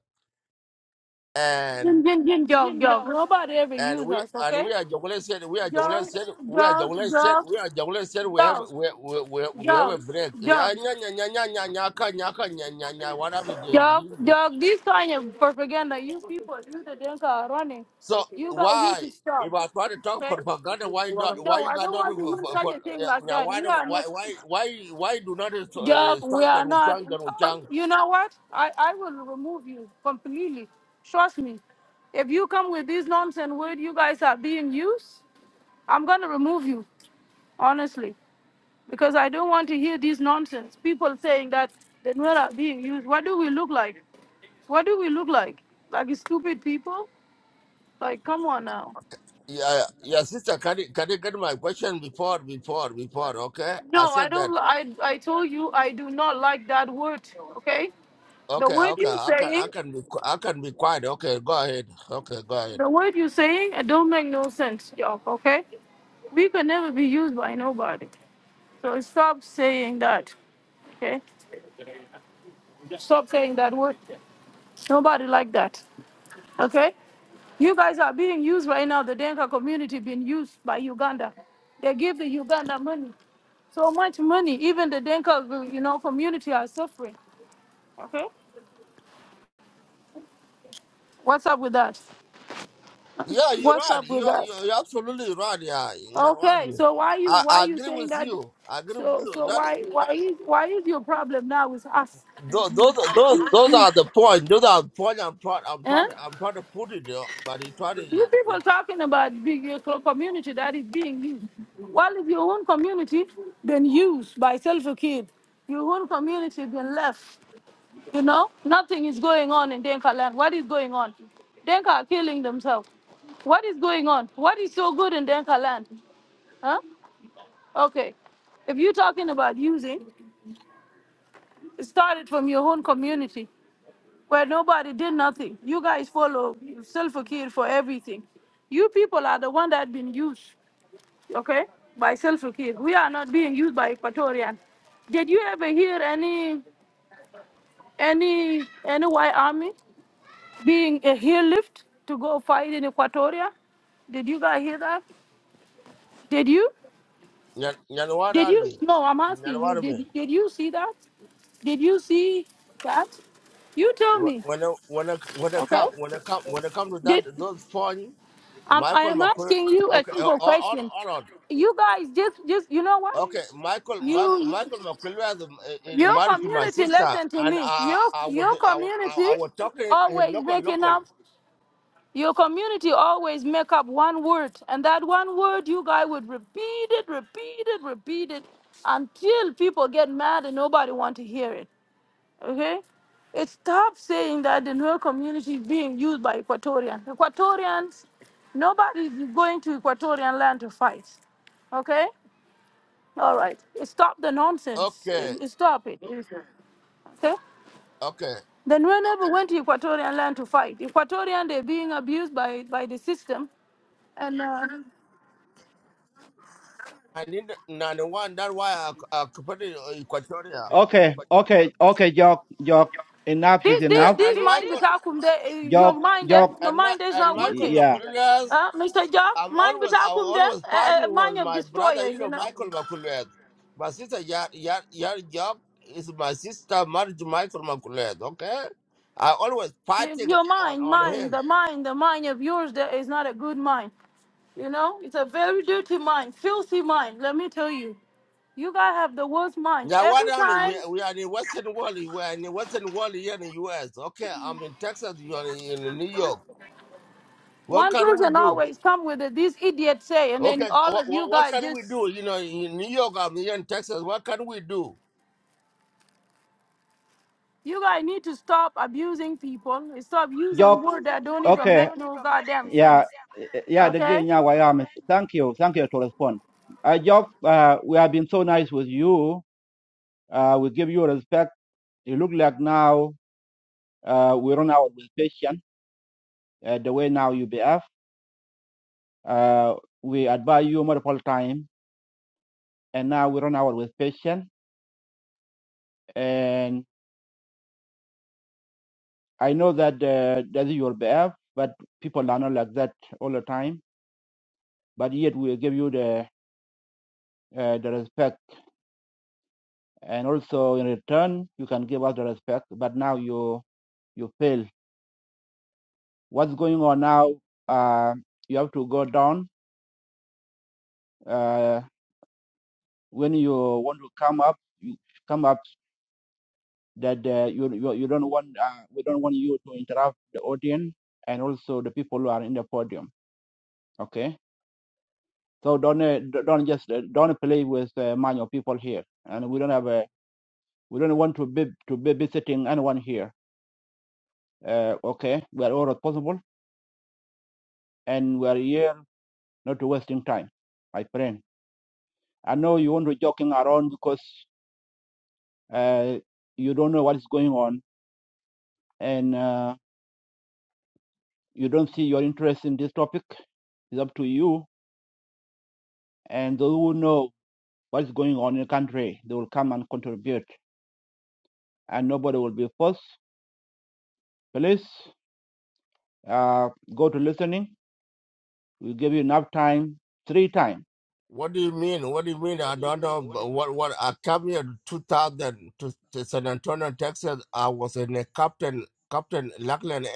Speaker 2: And
Speaker 3: Jin, jin, jin, jog, jog. Nobody ever
Speaker 2: And
Speaker 3: use
Speaker 2: we
Speaker 3: us,
Speaker 2: and
Speaker 3: okay?
Speaker 2: we are Jogulin said we are Jogulin
Speaker 3: Jog,
Speaker 2: said we are
Speaker 3: jog,
Speaker 2: Jogulin said
Speaker 3: jog,
Speaker 2: we are Jogulin said we have
Speaker 3: jog,
Speaker 2: we we we, we have a
Speaker 3: jog,
Speaker 2: break. Yeah,
Speaker 3: jog.
Speaker 2: nya, nya, nya, nya, nya, nya, ka, nya, ka, nya, nya, nya, What happened? to
Speaker 3: Dog,
Speaker 2: you?
Speaker 3: dog, this kind of propaganda, you people, you the Denka are running.
Speaker 2: So
Speaker 3: You guys need
Speaker 2: why
Speaker 3: to stop.
Speaker 2: if I try to talk
Speaker 3: Okay?
Speaker 2: propaganda, why
Speaker 3: No,
Speaker 2: not? Why you
Speaker 3: I
Speaker 2: got
Speaker 3: don't
Speaker 2: not
Speaker 3: want to
Speaker 2: for,
Speaker 3: hear
Speaker 2: for,
Speaker 3: such
Speaker 2: for
Speaker 3: a thing
Speaker 2: yeah,
Speaker 3: like
Speaker 2: nya,
Speaker 3: that.
Speaker 2: why
Speaker 3: We
Speaker 2: do-
Speaker 3: are
Speaker 2: why
Speaker 3: not,
Speaker 2: why why why do not
Speaker 3: dog,
Speaker 2: uh,
Speaker 3: we
Speaker 2: stop John
Speaker 3: are not.
Speaker 2: Wuchang John
Speaker 3: Oh,
Speaker 2: Wuchang?
Speaker 3: you know what? I, I will remove you completely. Trust me. If you come with these nonsense words you guys are being used, I'm going to remove you, honestly, because I don't want to hear these nonsense. People saying that the Nuer are being used. What do we look like? What do we look like? Like stupid people? Like, come on now.
Speaker 2: Yeah, yeah, sister, can you, can you get my question before before before? Okay, I
Speaker 3: No, I
Speaker 2: said that.
Speaker 3: don't. I I told you I do not like that word. Okay, the
Speaker 2: Okay,
Speaker 3: word
Speaker 2: okay,
Speaker 3: you
Speaker 2: I can,
Speaker 3: saying,
Speaker 2: I can be, qui- I can be quiet. Okay, go ahead. Okay, go ahead.
Speaker 3: the word you saying, it don't make no sense, y'all. Okay, we can never be used by nobody. So stop saying that. Okay, stop saying that word. Nobody like that. Okay, you guys are being used right now. The Denka community being used by Uganda. They give the Uganda money. So much money. Even the Denka, you know, community are suffering. Okay. What's up with that?
Speaker 2: Yeah, you're
Speaker 3: What's
Speaker 2: right.
Speaker 3: up with
Speaker 2: You're,
Speaker 3: that?
Speaker 2: you're, you're absolutely right. Yeah, you're right.
Speaker 3: Okay. So why you
Speaker 2: I,
Speaker 3: why
Speaker 2: I
Speaker 3: you
Speaker 2: agree
Speaker 3: saying
Speaker 2: with
Speaker 3: that?
Speaker 2: you. I agree with
Speaker 3: So
Speaker 2: you.
Speaker 3: so
Speaker 2: That
Speaker 3: why why is why is your problem now with us?
Speaker 2: those, those, those, those are the point. Those are the point. I'm proud. I'm
Speaker 3: Huh?
Speaker 2: proud. I'm proud to put it. there, But you try to, you
Speaker 3: You people talking about big your co- community that is being used. Well, if your own community been used by self kid, your own community been left. You know, nothing is going on in Denka land. What is going on? Denka are killing themselves. What is going on? What is so good in Denka land? Huh? Okay. If you're talking about using, it started from your own community where nobody did nothing. You guys follow Selfakir for everything. You people are the one that been used, okay, by Selfakir. We are not being used by Equatorian. Did you ever hear any any any white army? being a lift to go fight in Equatoria. Did you guys hear that? Did you?
Speaker 2: know what
Speaker 3: Did
Speaker 2: I
Speaker 3: you?
Speaker 2: mean.
Speaker 3: No, I'm
Speaker 2: You know
Speaker 3: asking you.
Speaker 2: what I
Speaker 3: Did
Speaker 2: mean.
Speaker 3: Did you see that? Did you see that? You tell
Speaker 2: Wh-
Speaker 3: me,
Speaker 2: When I, when I, when I
Speaker 3: okay?
Speaker 2: come, when I come, when I come to that,
Speaker 3: Did
Speaker 2: those point,
Speaker 3: um, I
Speaker 2: Michael
Speaker 3: am
Speaker 2: McQuarrie.
Speaker 3: asking you a
Speaker 2: Okay, uh, uh,
Speaker 3: simple
Speaker 2: hold on,
Speaker 3: question?
Speaker 2: hold on.
Speaker 3: You guys just just you know what?
Speaker 2: Okay, Michael, Ma-
Speaker 3: You
Speaker 2: Michael McCullough is is
Speaker 3: your
Speaker 2: married to my
Speaker 3: community,
Speaker 2: sister,
Speaker 3: listen to
Speaker 2: and
Speaker 3: me.
Speaker 2: I,
Speaker 3: Your
Speaker 2: I was,
Speaker 3: your
Speaker 2: I, was- I,
Speaker 3: community
Speaker 2: I was talking in
Speaker 3: always
Speaker 2: local,
Speaker 3: making
Speaker 2: local.
Speaker 3: up. Your community always make up one word, and that one word you guys would repeat it, repeat it, repeat it until people get mad and nobody want to hear it. Okay? It's tough saying that the Nuer community is being used by Equatorians. Equatorians, nobody is going to Equatorian land to fight. Okay? All right. Stop the nonsense.
Speaker 2: Okay,
Speaker 3: Uh, Stop it. Okay?
Speaker 2: okay.
Speaker 3: the Nuer never went to Equatorian land to fight. Equatorian, they're being abused by, by the system. And uh,
Speaker 2: And in the 91, that's why I, c- I competed in Equatoria.
Speaker 3: This
Speaker 2: And,
Speaker 3: this
Speaker 2: and
Speaker 3: this mind
Speaker 2: Michael,
Speaker 3: butakum de your mind eh, your
Speaker 2: and my,
Speaker 3: mind is
Speaker 2: and
Speaker 3: not
Speaker 2: Michael
Speaker 3: working.
Speaker 2: McCullough,
Speaker 3: Uh, Mr. Job,
Speaker 2: I'm
Speaker 3: mind
Speaker 2: always, I
Speaker 3: butakum de
Speaker 2: always
Speaker 3: uh,
Speaker 2: fighting with
Speaker 3: mind of
Speaker 2: my
Speaker 3: destroyer, you
Speaker 2: brother-in-law,
Speaker 3: know.
Speaker 2: Michael McCullough. My sister, Yar, Yar, Yar Job is my sister married to Michael McCullough, okay? I always
Speaker 3: Y-
Speaker 2: fighting
Speaker 3: Your
Speaker 2: on,
Speaker 3: mind,
Speaker 2: on
Speaker 3: mind,
Speaker 2: him.
Speaker 3: the mind, the mind of yours there is not a good mind. You know, it's a very dirty mind, filthy mind. Let me tell you, you guys have the worst mind.
Speaker 2: Yeah, what
Speaker 3: Every
Speaker 2: I mean,
Speaker 3: time,
Speaker 2: we we are in the Western world. We are in the Western world here in the U.S. Okay, I'm in Texas. You are in New York. What
Speaker 3: one
Speaker 2: can we
Speaker 3: person
Speaker 2: do?
Speaker 3: always come with it, this idiot say, and then
Speaker 2: Okay,
Speaker 3: all
Speaker 2: what
Speaker 3: of
Speaker 2: what,
Speaker 3: you
Speaker 2: what
Speaker 3: guys
Speaker 2: can we
Speaker 3: just
Speaker 2: do? You know, in New York, I'm here in Texas. What can we do?
Speaker 3: you guys need to stop abusing people. and Stop using words that don't even make no goddamn sense. Okay?
Speaker 2: What do you mean? What do you mean? I don't know. but What what? I came here in 2000 to, to San Antonio, Texas. I was in a captain, Captain Lackland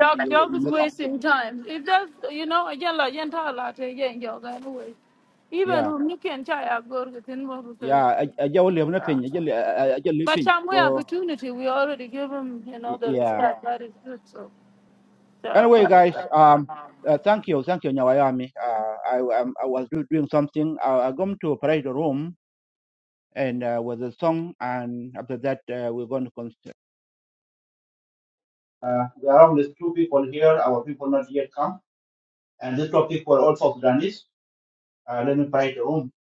Speaker 3: Dog, dog is wasting time. If that's, you know, again, like, you know, like, again, dog, anyway. Even who Nick and Chai are good within more because, but some way opportunity, we already give him, you know, the respect that is good, so. Yeah,
Speaker 1: Uh, there are only two people here. Our people not yet come. And these two people also Sudanese. Uh, let me find the room.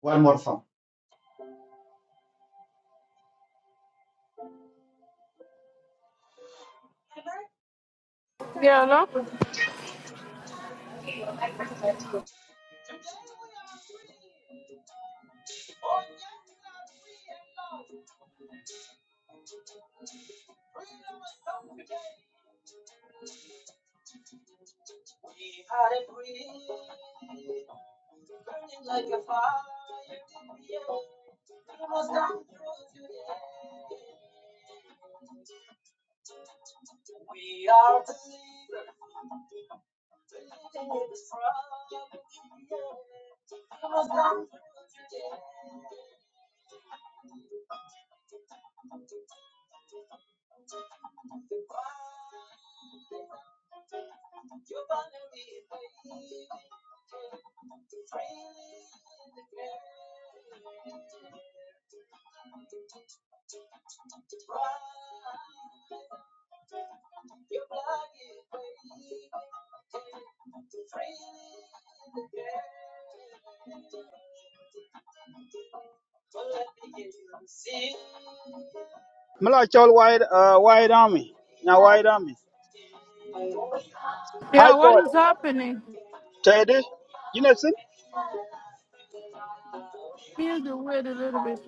Speaker 1: One more song.
Speaker 3: yeah, look.
Speaker 4: Mala chol wide, uh wide army. Now wide army. High
Speaker 3: yeah, what
Speaker 4: court,
Speaker 3: is happening?
Speaker 4: Teddy. You know, since
Speaker 3: Here's the word a little bit.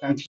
Speaker 1: Thank you.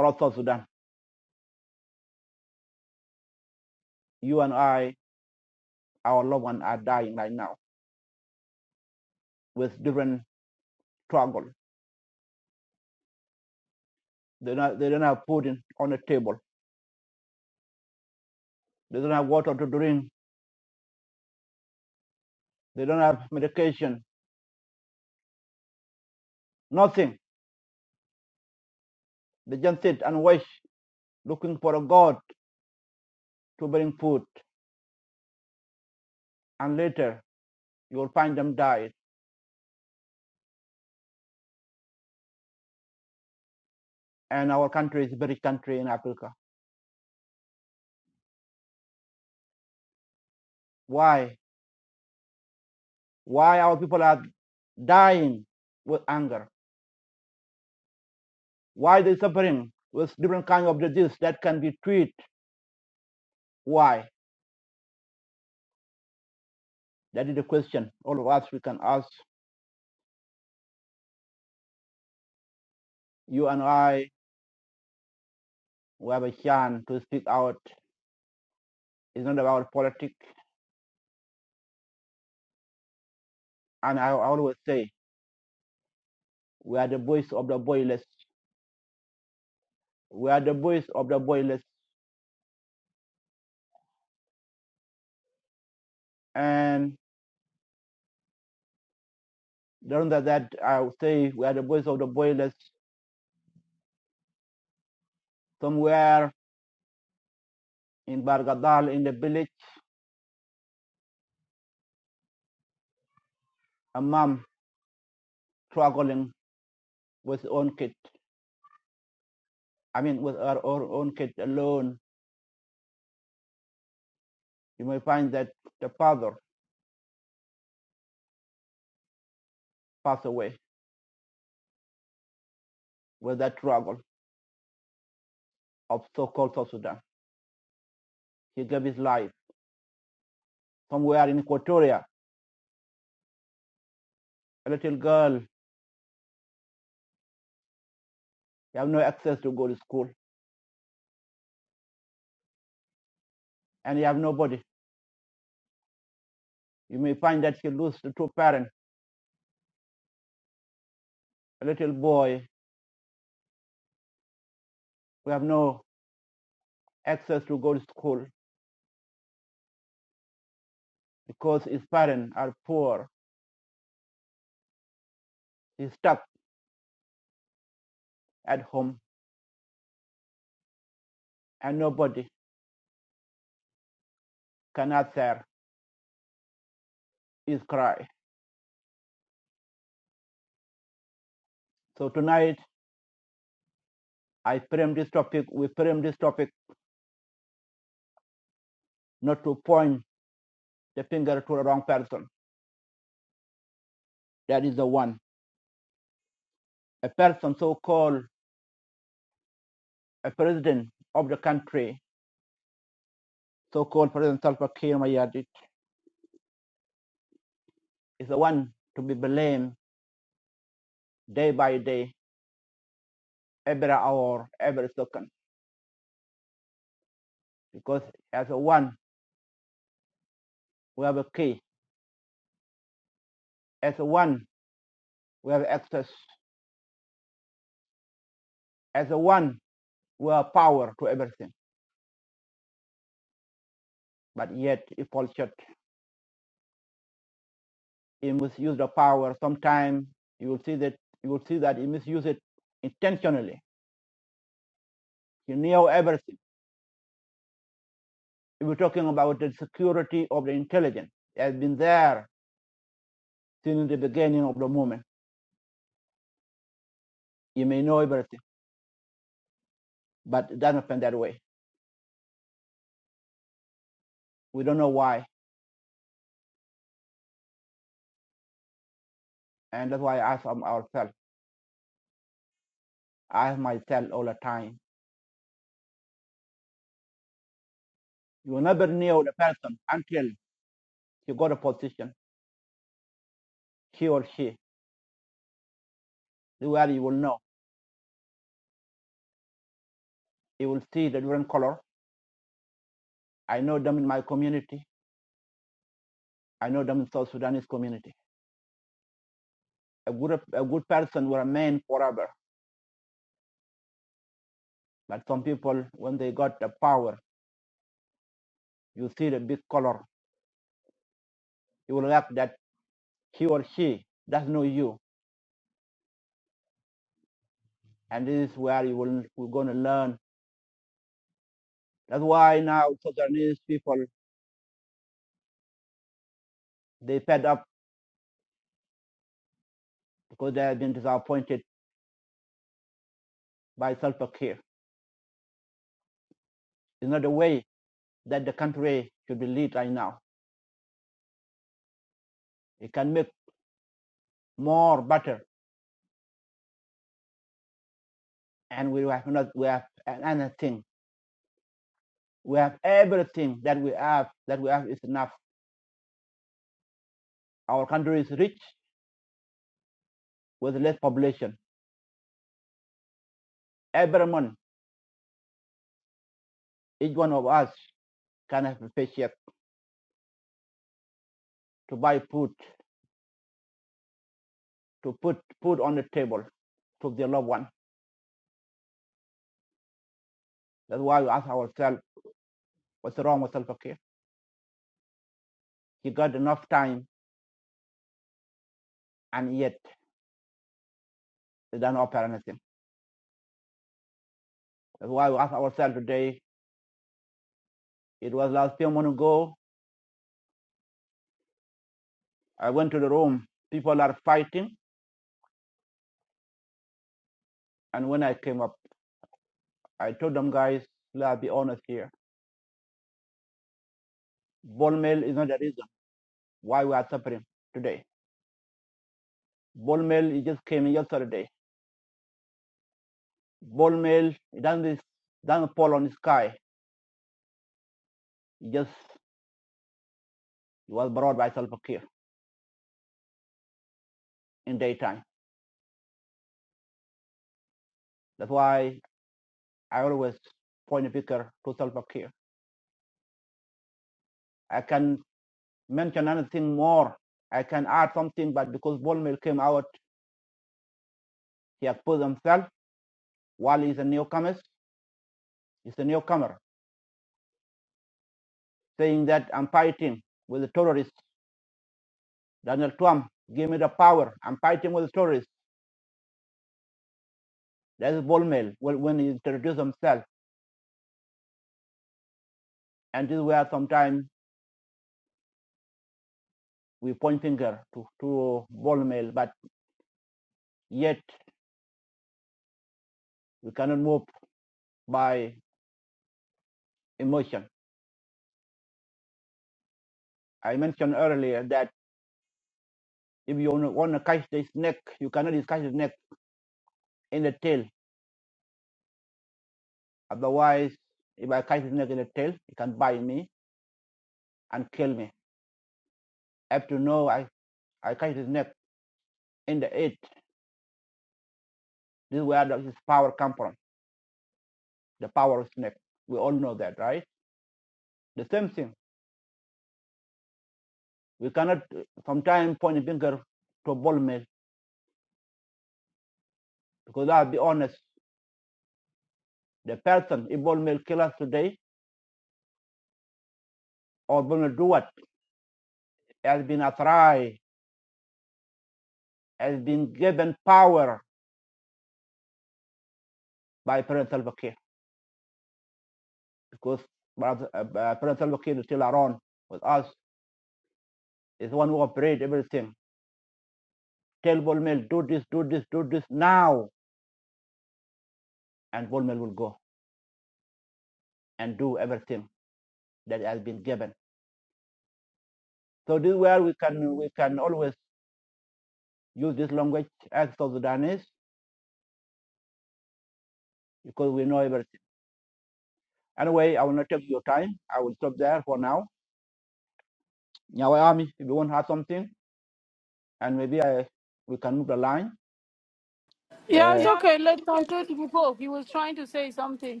Speaker 3: Yeah, it's okay. Let conclude before. He was trying to say something.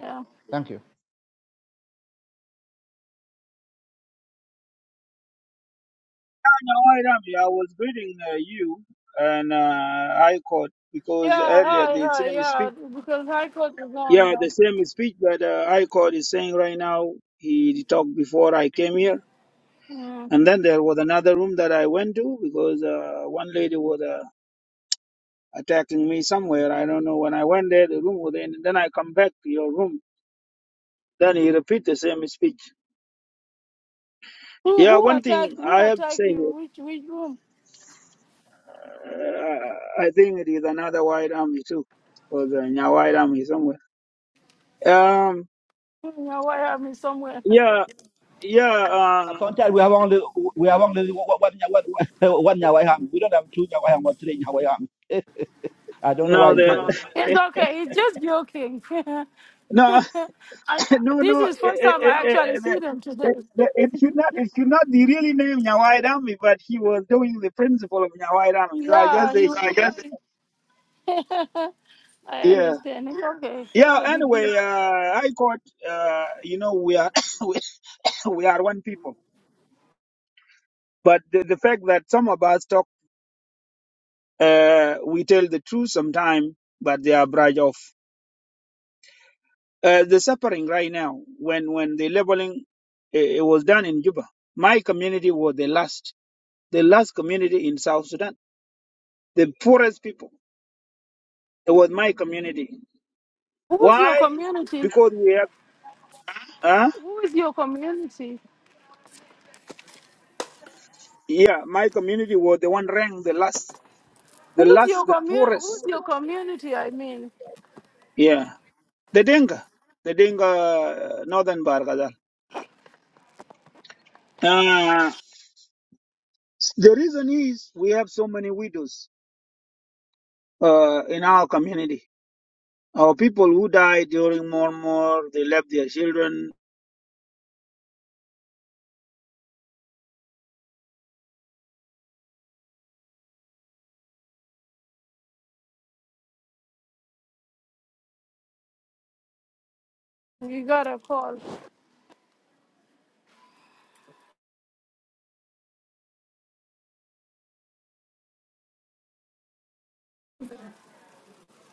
Speaker 3: Yeah.
Speaker 4: I'm a white army, I was greeting uh, you and uh, High Court because
Speaker 3: Yeah,
Speaker 4: earlier
Speaker 3: hi,
Speaker 4: the
Speaker 3: hi,
Speaker 4: same
Speaker 3: yeah.
Speaker 4: speech.
Speaker 3: Because High Court is on.
Speaker 4: Yeah,
Speaker 3: Yeah.
Speaker 4: the same speech that uh, High Court is saying right now. He talked before I came here,
Speaker 3: Mm.
Speaker 4: and then there was another room that I went to because uh, one lady was uh, attacking me somewhere. I don't know. When I went there, the room was in. Then I come back to your room. Then he repeat the same speech.
Speaker 3: Who
Speaker 4: Yeah,
Speaker 3: who
Speaker 4: one
Speaker 3: attack
Speaker 4: thing
Speaker 3: who
Speaker 4: I have to
Speaker 3: attack
Speaker 4: say
Speaker 3: you?
Speaker 4: here.
Speaker 3: Which which room?
Speaker 4: Uh, I think it is another white army too, or the Nya white army somewhere. Um,
Speaker 3: Hmm, Now why am I somewhere?
Speaker 4: yeah, yeah. Uh, no, the
Speaker 3: It's okay. It's just joking. I,
Speaker 4: no, no,
Speaker 3: this
Speaker 4: no.
Speaker 3: is
Speaker 4: It,
Speaker 3: first
Speaker 4: it,
Speaker 3: time
Speaker 4: it,
Speaker 3: I actually see
Speaker 4: it,
Speaker 3: them today.
Speaker 4: it, it it should not. It should not be really named Nya white army, but he was doing the principle of Nya white army. So I just
Speaker 3: Yeah, he
Speaker 4: say
Speaker 3: was.
Speaker 4: she.
Speaker 3: I
Speaker 4: Yeah,
Speaker 3: understand. It's okay.
Speaker 4: yeah.
Speaker 3: Not a big deal.
Speaker 4: Anyway, uh, I caught. Uh, you know, we are we, we are one people. But the, the fact that some of us talk. Uh, we tell the truth sometimes, but they are brushed off. Uh, the suffering right now, when, when the labeling it, it was done in Juba, my community was the last, the last community in South Sudan, the poorest people. It was my community.
Speaker 3: Who is your
Speaker 4: Why?
Speaker 3: community?
Speaker 4: Because we have, uh,
Speaker 3: Who is your community?
Speaker 4: yeah, my community was the one ranked the last, the
Speaker 3: Who is
Speaker 4: last,
Speaker 3: your
Speaker 4: the
Speaker 3: community?
Speaker 4: poorest.
Speaker 3: Who's your community? I mean,
Speaker 4: Yeah, the Denga, the Denga, uh, Northern Bargadal. Uh, the reason is we have so many widows uh, in our community. Our people who died during More, More, they left their children,
Speaker 3: you got a call.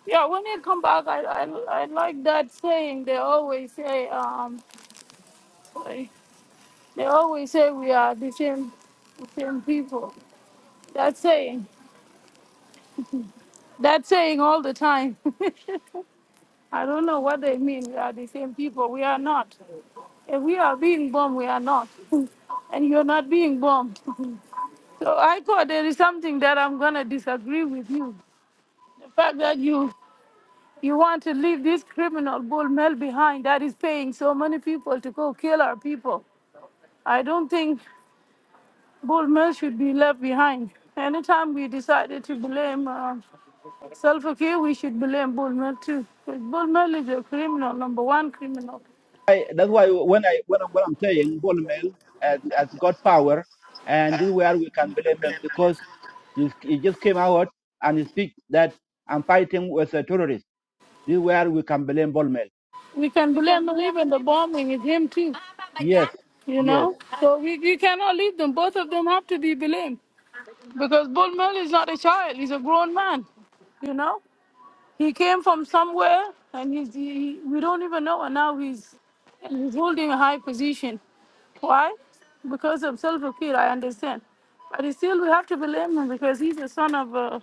Speaker 3: Yeah, when they come back, I I, I like that saying. They always say, um, They always say we are the same, the same people. That saying, that saying all the time. I don't know what they mean. We are the same people. We are not. If we are being bombed, we are not. and you're not being bombed. So I thought there is something that I'm gonna disagree with you. The fact that you you want to leave this criminal bull mel behind that is paying so many people to go kill our people. I don't think bull mel should be left behind. Anytime we decided to blame. uh, Self here, we should blame Bullman too. Because Bullman is a criminal, number one criminal. We can blame him, even the bombing is him too, you know? So we, we cannot leave them. Both of them have to be blamed. Because Bullman is not a child, he's a grown man, you know? He came from somewhere and he's, he, we don't even know, and now he's, and he's holding a high position. Why? Because of self here, I understand. But still, we have to blame him because he's the son of a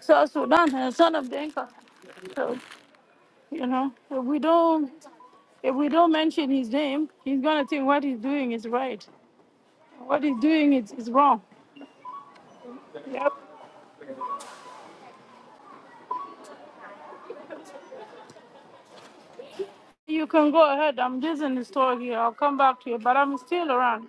Speaker 3: South Sudan and son of Denka. So, you know, if we don't if we don't mention his name, he's gonna think what he's doing is right. What he's doing is, is wrong. Yep. You can go ahead. I'm just in the store here. I'll come back to you, but I'm still around.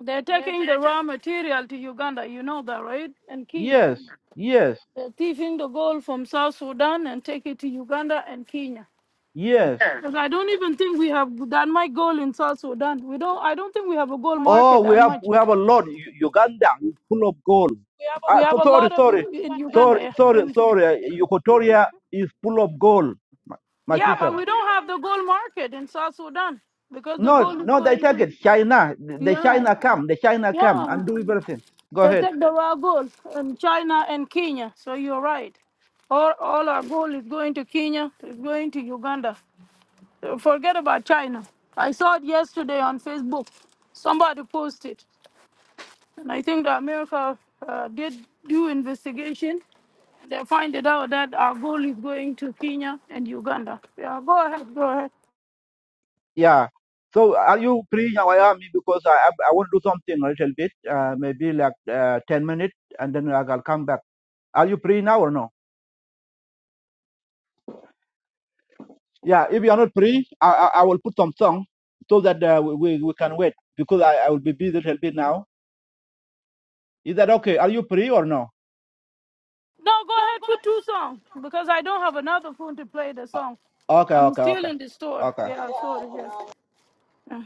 Speaker 3: They're taking the raw material to Uganda, you know that, right? And Kenya. They're thieving the gold from South Sudan and take it to Uganda and Kenya. Because I don't even think we have that much gold in South Sudan. We don't. I don't think we have a gold market that much. We have a lot of in Uganda, yeah. and yeah, but we don't have the gold market in South Sudan because the gold is going to yeah, yeah. They take the raw gold in China and Kenya. So you're right. All all our gold is going to Kenya. It's going to Uganda. Uh, Forget about China. I saw it yesterday on Facebook. Somebody posted, and I think that America uh, did do investigation They find it out that our goal is going to Kenya and Uganda. Yeah, go ahead, go ahead. No, go ahead for two songs because I don't have another phone to play the song. I'm still in the store. Yeah, sorry, yes. Yeah,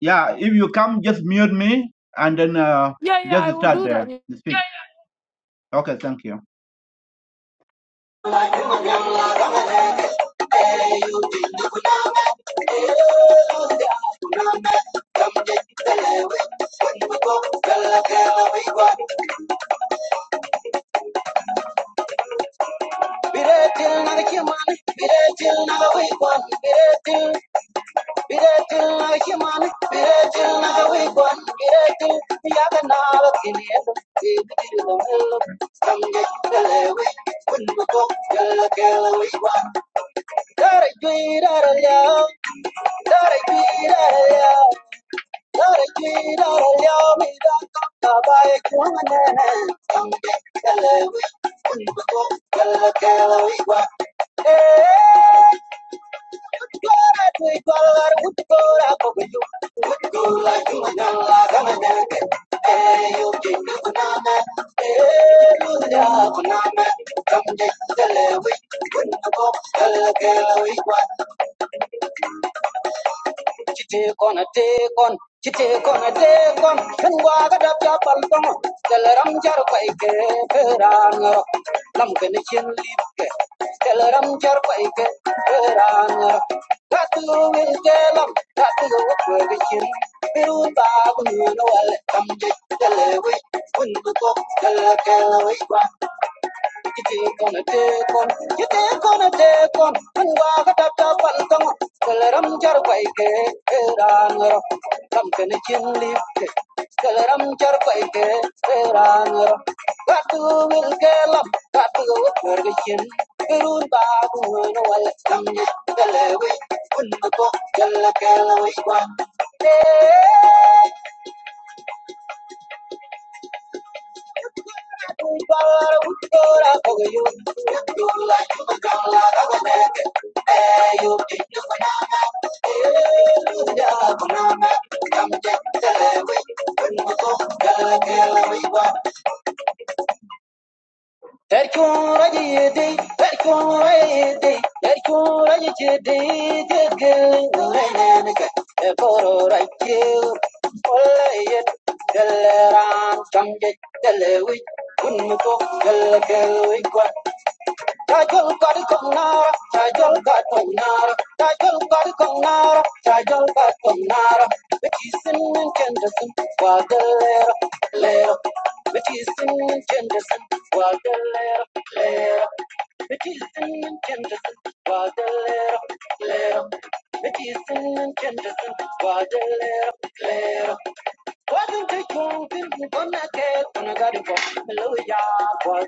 Speaker 1: Yeah, if you come, just mute me and then uh,
Speaker 3: yeah, yeah,
Speaker 1: just
Speaker 3: I will
Speaker 1: start
Speaker 3: do
Speaker 1: the,
Speaker 3: that.
Speaker 1: the speech. Okay, thank you. Biratin akiman, biratin akawikwan, biratin yakanala kinesi dilumelo balewiko, kela kela wikwa. Dare juirara liao, dare juirara liao, dare juirara liao, miraka kabaye kuanganene, kele Thank you. Chite kona te kon, chite kona te kon, chungwa kada pya palpam, teleram char pai ke peran lam ke ni chin lip ke, teleram char pai ke peran tatu wil ke lam, tatu wil ke ke chin, biru ta kun wal kam je tele ko tele ke you take on a take on, you take on a take on, and walk a tap tap and come on. Tell her I'm jar by gay, ran her. Come can a chin lift it. no ko jalla kelawi kwa. Thank you. Tajol got a conara, Tajol got conara, Tajol got a conara, Tajol got conara. But he's in Jenderson, while the letter, letter. But he's in Jenderson, while the letter, letter. But he's in Jenderson, while the letter, letter. But he's in Jenderson, while the letter, letter. Wasn't it wrong to run from that girl? When I got up, I looked at you, and you were gone. I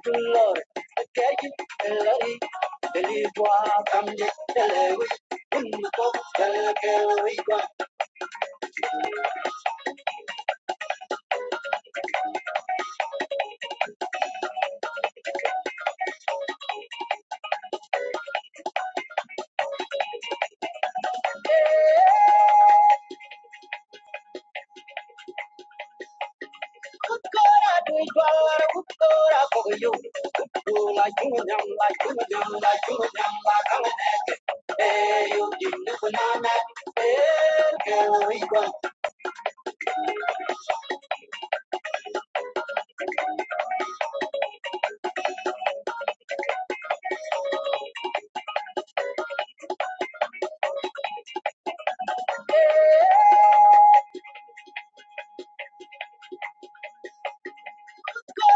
Speaker 1: can't believe it, believe what? I'm just telling you, you don't know what I'm telling you. You don't know what I'm telling you. You don't know what I'm telling you. You don't know what I'm telling you. You don't know what I'm telling you. You don't know what I'm telling you. You don't know what I'm telling you.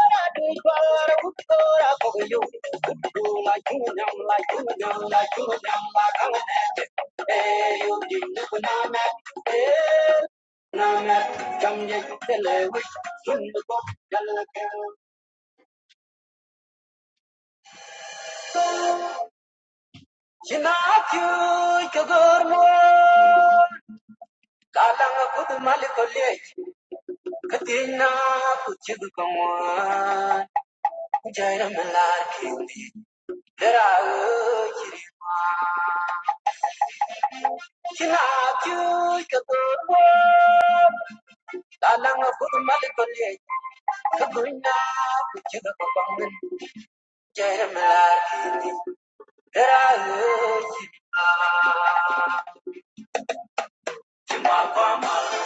Speaker 1: Kalang Don't like the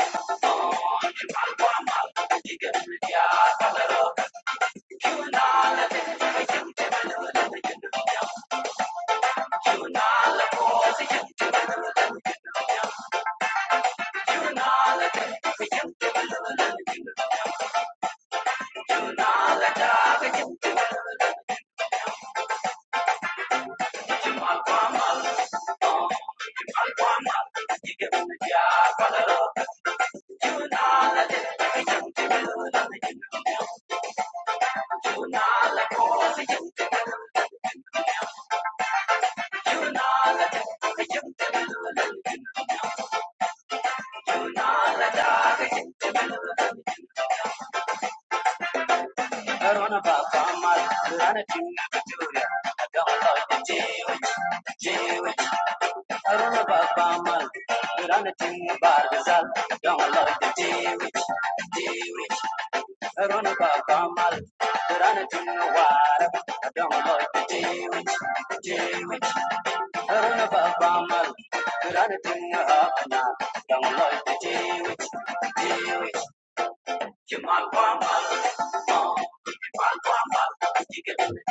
Speaker 1: I ba not know about Kamal, but I don't know what. ba don't know about the Jewish, the Jewish. I don't know Kamal, Kamal, oh, Jamal Kamal, you get it.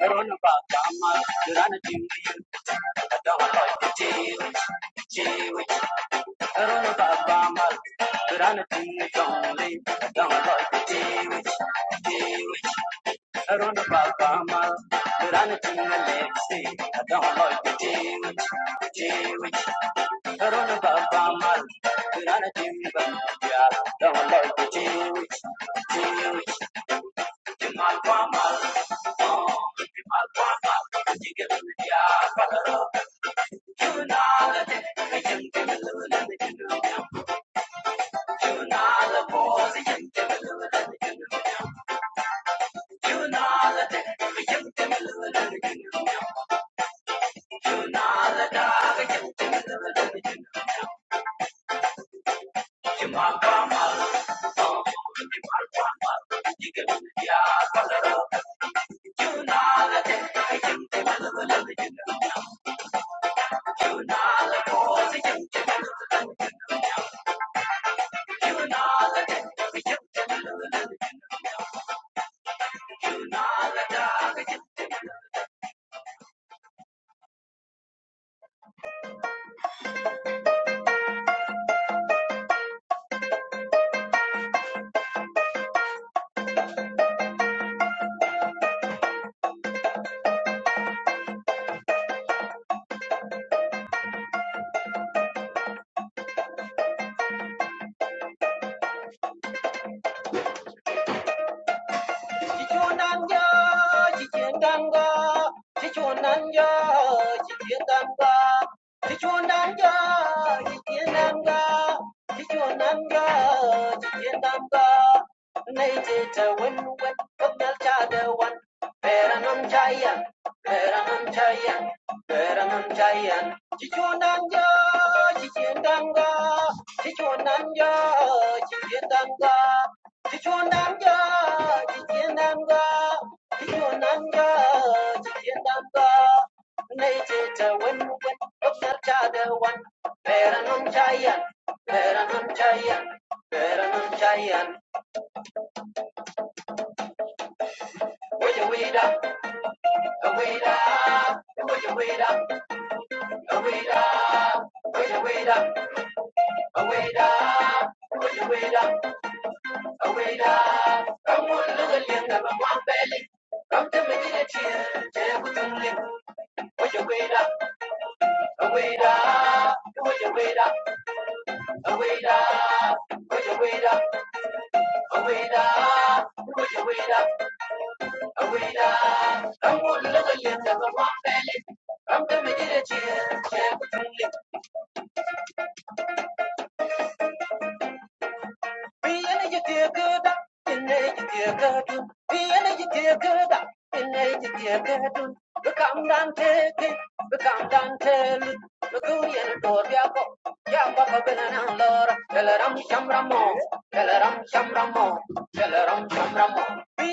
Speaker 1: I don't know about Kamal, but I don't know you. ba don't like the Jewish, Jewish. I don't Kamal, but I don't know like I run about Bama, run it in the legacy. I don't like the Jewish, the Jewish. I run about Bama, run it in the Bama. Don't like the Jewish, Jewish. The Malbama, oh, the Malbama. You get the Jewish, One two, one two, one two, one two, one two, one two, one two, one two. Let me just 问问我娘家的娃。Veranandayan, Chichunanja, Chichindanga, Chichunanja, Chichindanga, Chichunanja, Chichindanga, Chichunanja, Chichindanga. Nejeta win win, Dr. Chada one. Veranandayan, Veranandayan, Veranandayan. Would you wait up? Would you wait up? Would you wait up? Would you wait up? Aweda, Aweda, Aweda, come on, little young, I'm one belly. Come to me, little chill, chill, with you, little. Would you wait up? Oh, Wait up, would you wait up? Oh, Wait up, would you wait up? Oh, Wait up, would you wait up? little young, I'm belly. Come to me, little chill, chill, with you, little. Tell her I'm Shamramo, tell her I'm Shamramo, tell her I'm Shamramo. Away,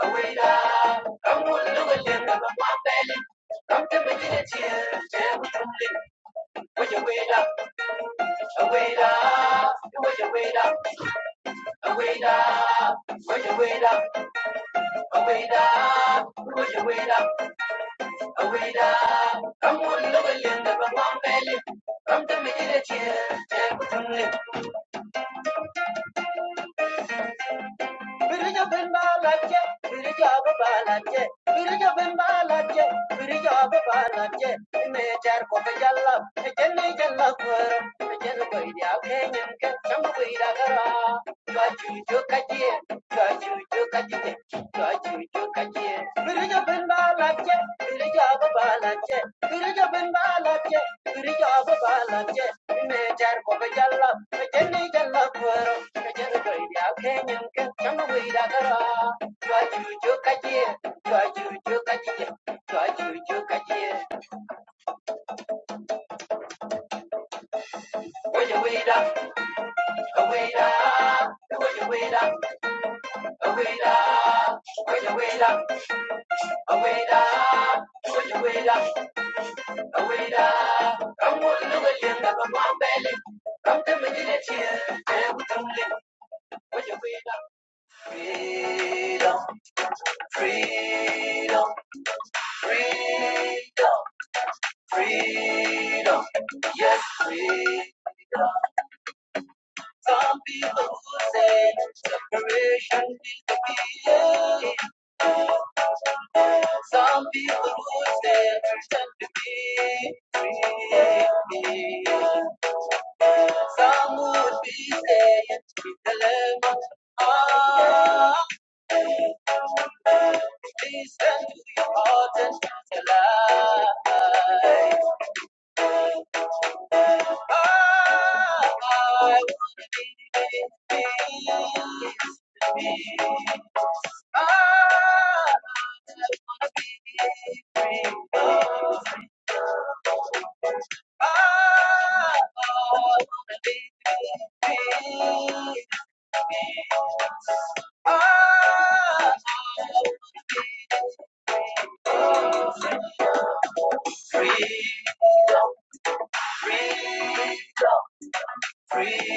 Speaker 1: Away da, away da, away da. A wait up, where you wait up, a wait up, where you wait up, a wait up. Come on, look at Linda, but one belly. Come to me, get a chair, Birija ben balance, birija ba balance, birija ben balance, birija ba balance. Me jar ko ke jalla, me jenne jalla kor, me jenne ko idi ake nyam ke cham ida kara. Ka jo kaje, jie, jo kaje, ka jo kaje. chuju ka jie. Birija ben balance, birija ba balance, birija ben balance, birija ba balance. Me jar ko ke jalla, me jenne jalla kor, me jenne ko idi Freedom, freedom, freedom. Freedom, yes, freedom. Some people who say separation is the key. Some people who say freedom to be free. Some would be saying with the love of God. Listen to your heart and not your life. Ah, I wanna be free,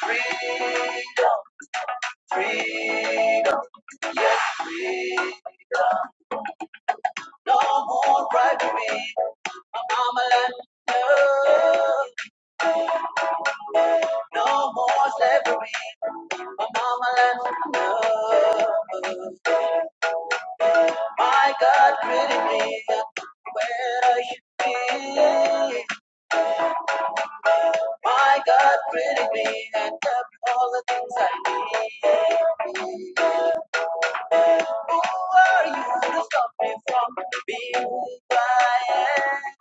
Speaker 1: free, free. No more bribery. My mama let me know. No more slavery. My mama let me know. My God pretty me. Where are you be. My God pretty me. And tell me all the things I need. Who are you to stop me from being who I am?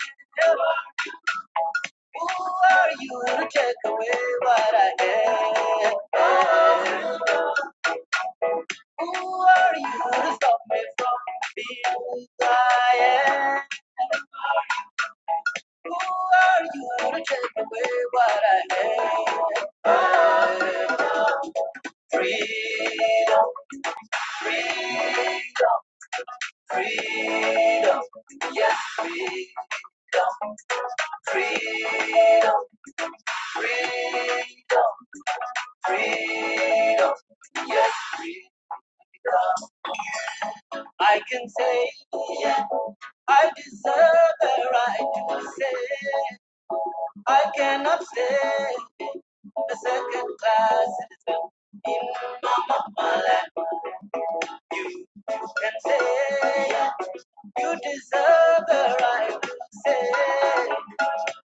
Speaker 1: Who are you to take away what I am? Oh, Who are you to stop me from being who I am? Who are you to take away what I am? Oh, Free, freedom. I can say, yeah, I deserve the right to say. I cannot stay a second class citizen in my mama land and say, You deserve the right to say,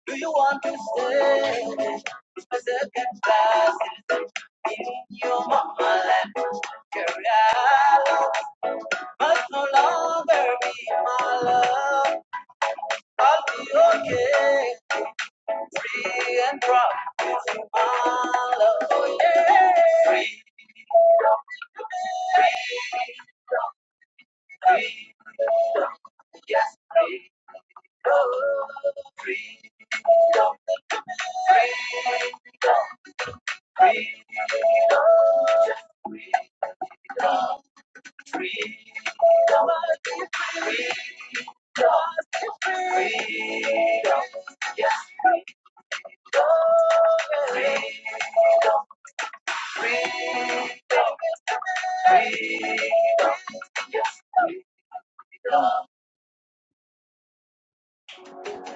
Speaker 1: Do you want to stay a second class citizen in your mama land? Carry out must no longer be my love. I'll be okay, free and proud. It's my love, oh yeah. Free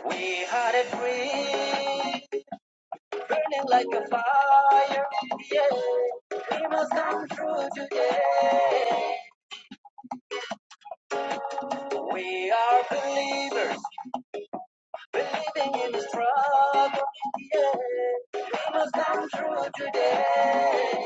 Speaker 1: We had a dream, burning like a fire. Yeah, we must come through today. We are believers, believing in the struggle. Yeah, we must come through today.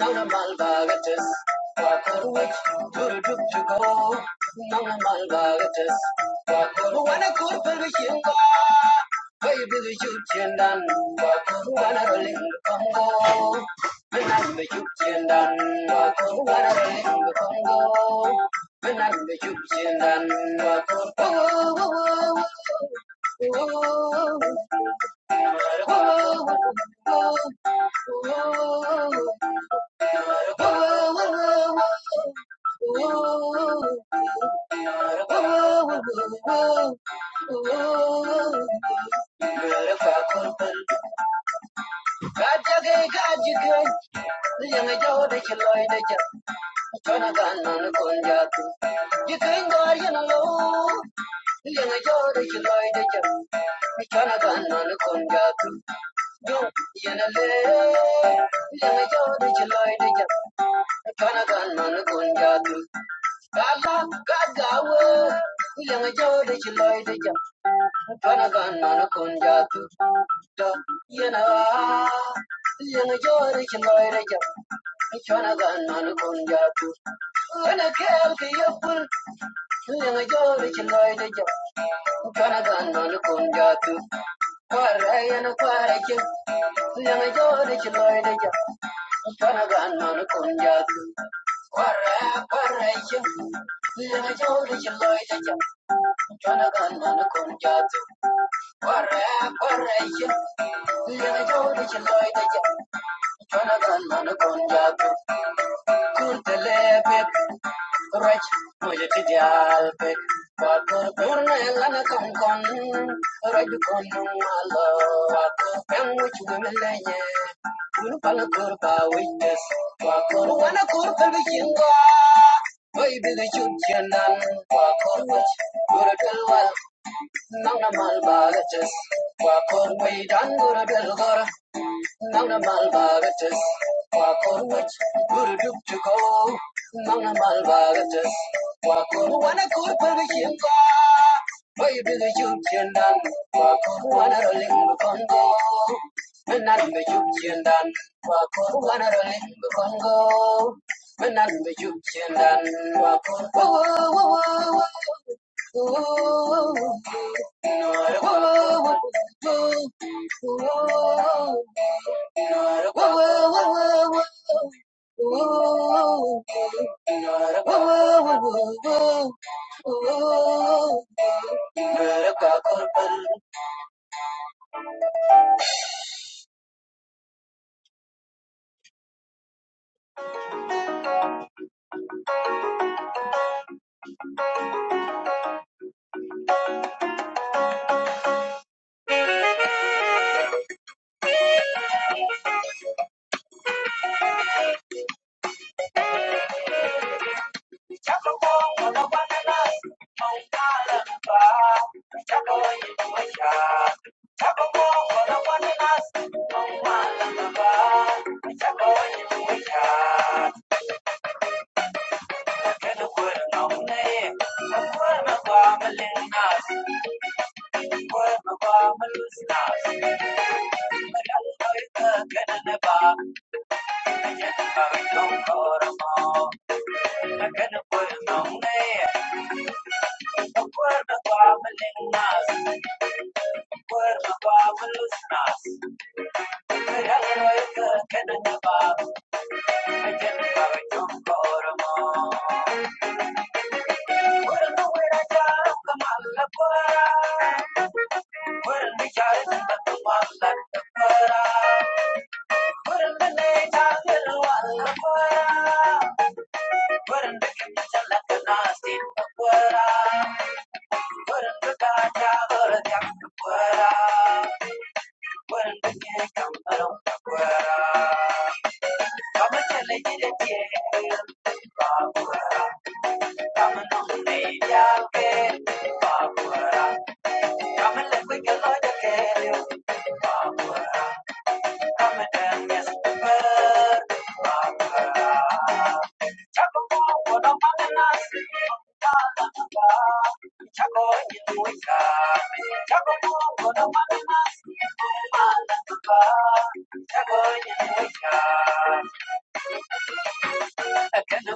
Speaker 1: Now, baby, the youth and done, wanna ring the bell, and the youth and done, wanna ring the youth and done. Thank you. Fuera, fuera, fuera, fuera, fuera, Chago you know, Thank you.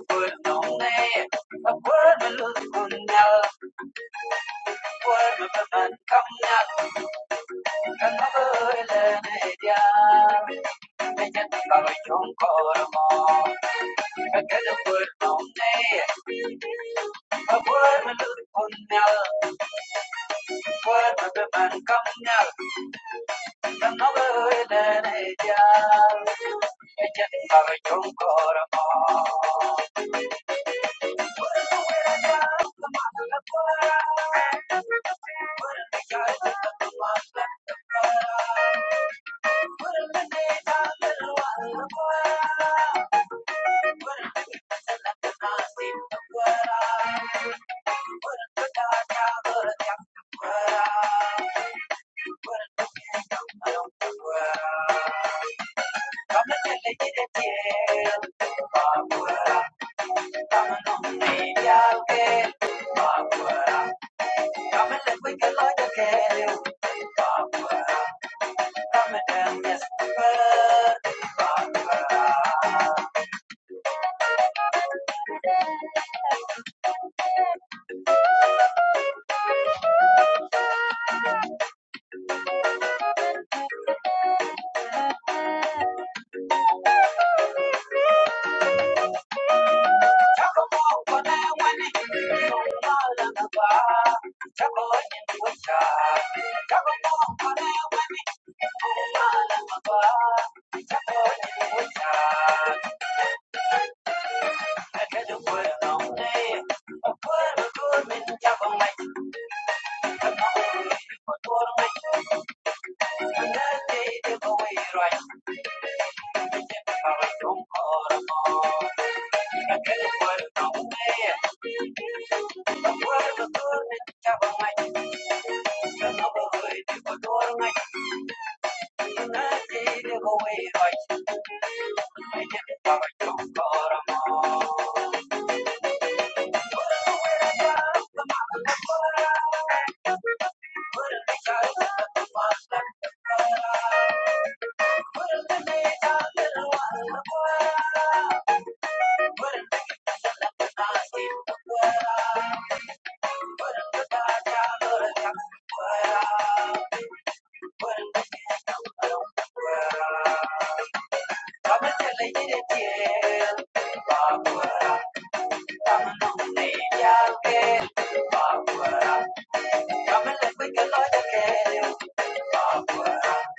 Speaker 1: Thank you. Thank you.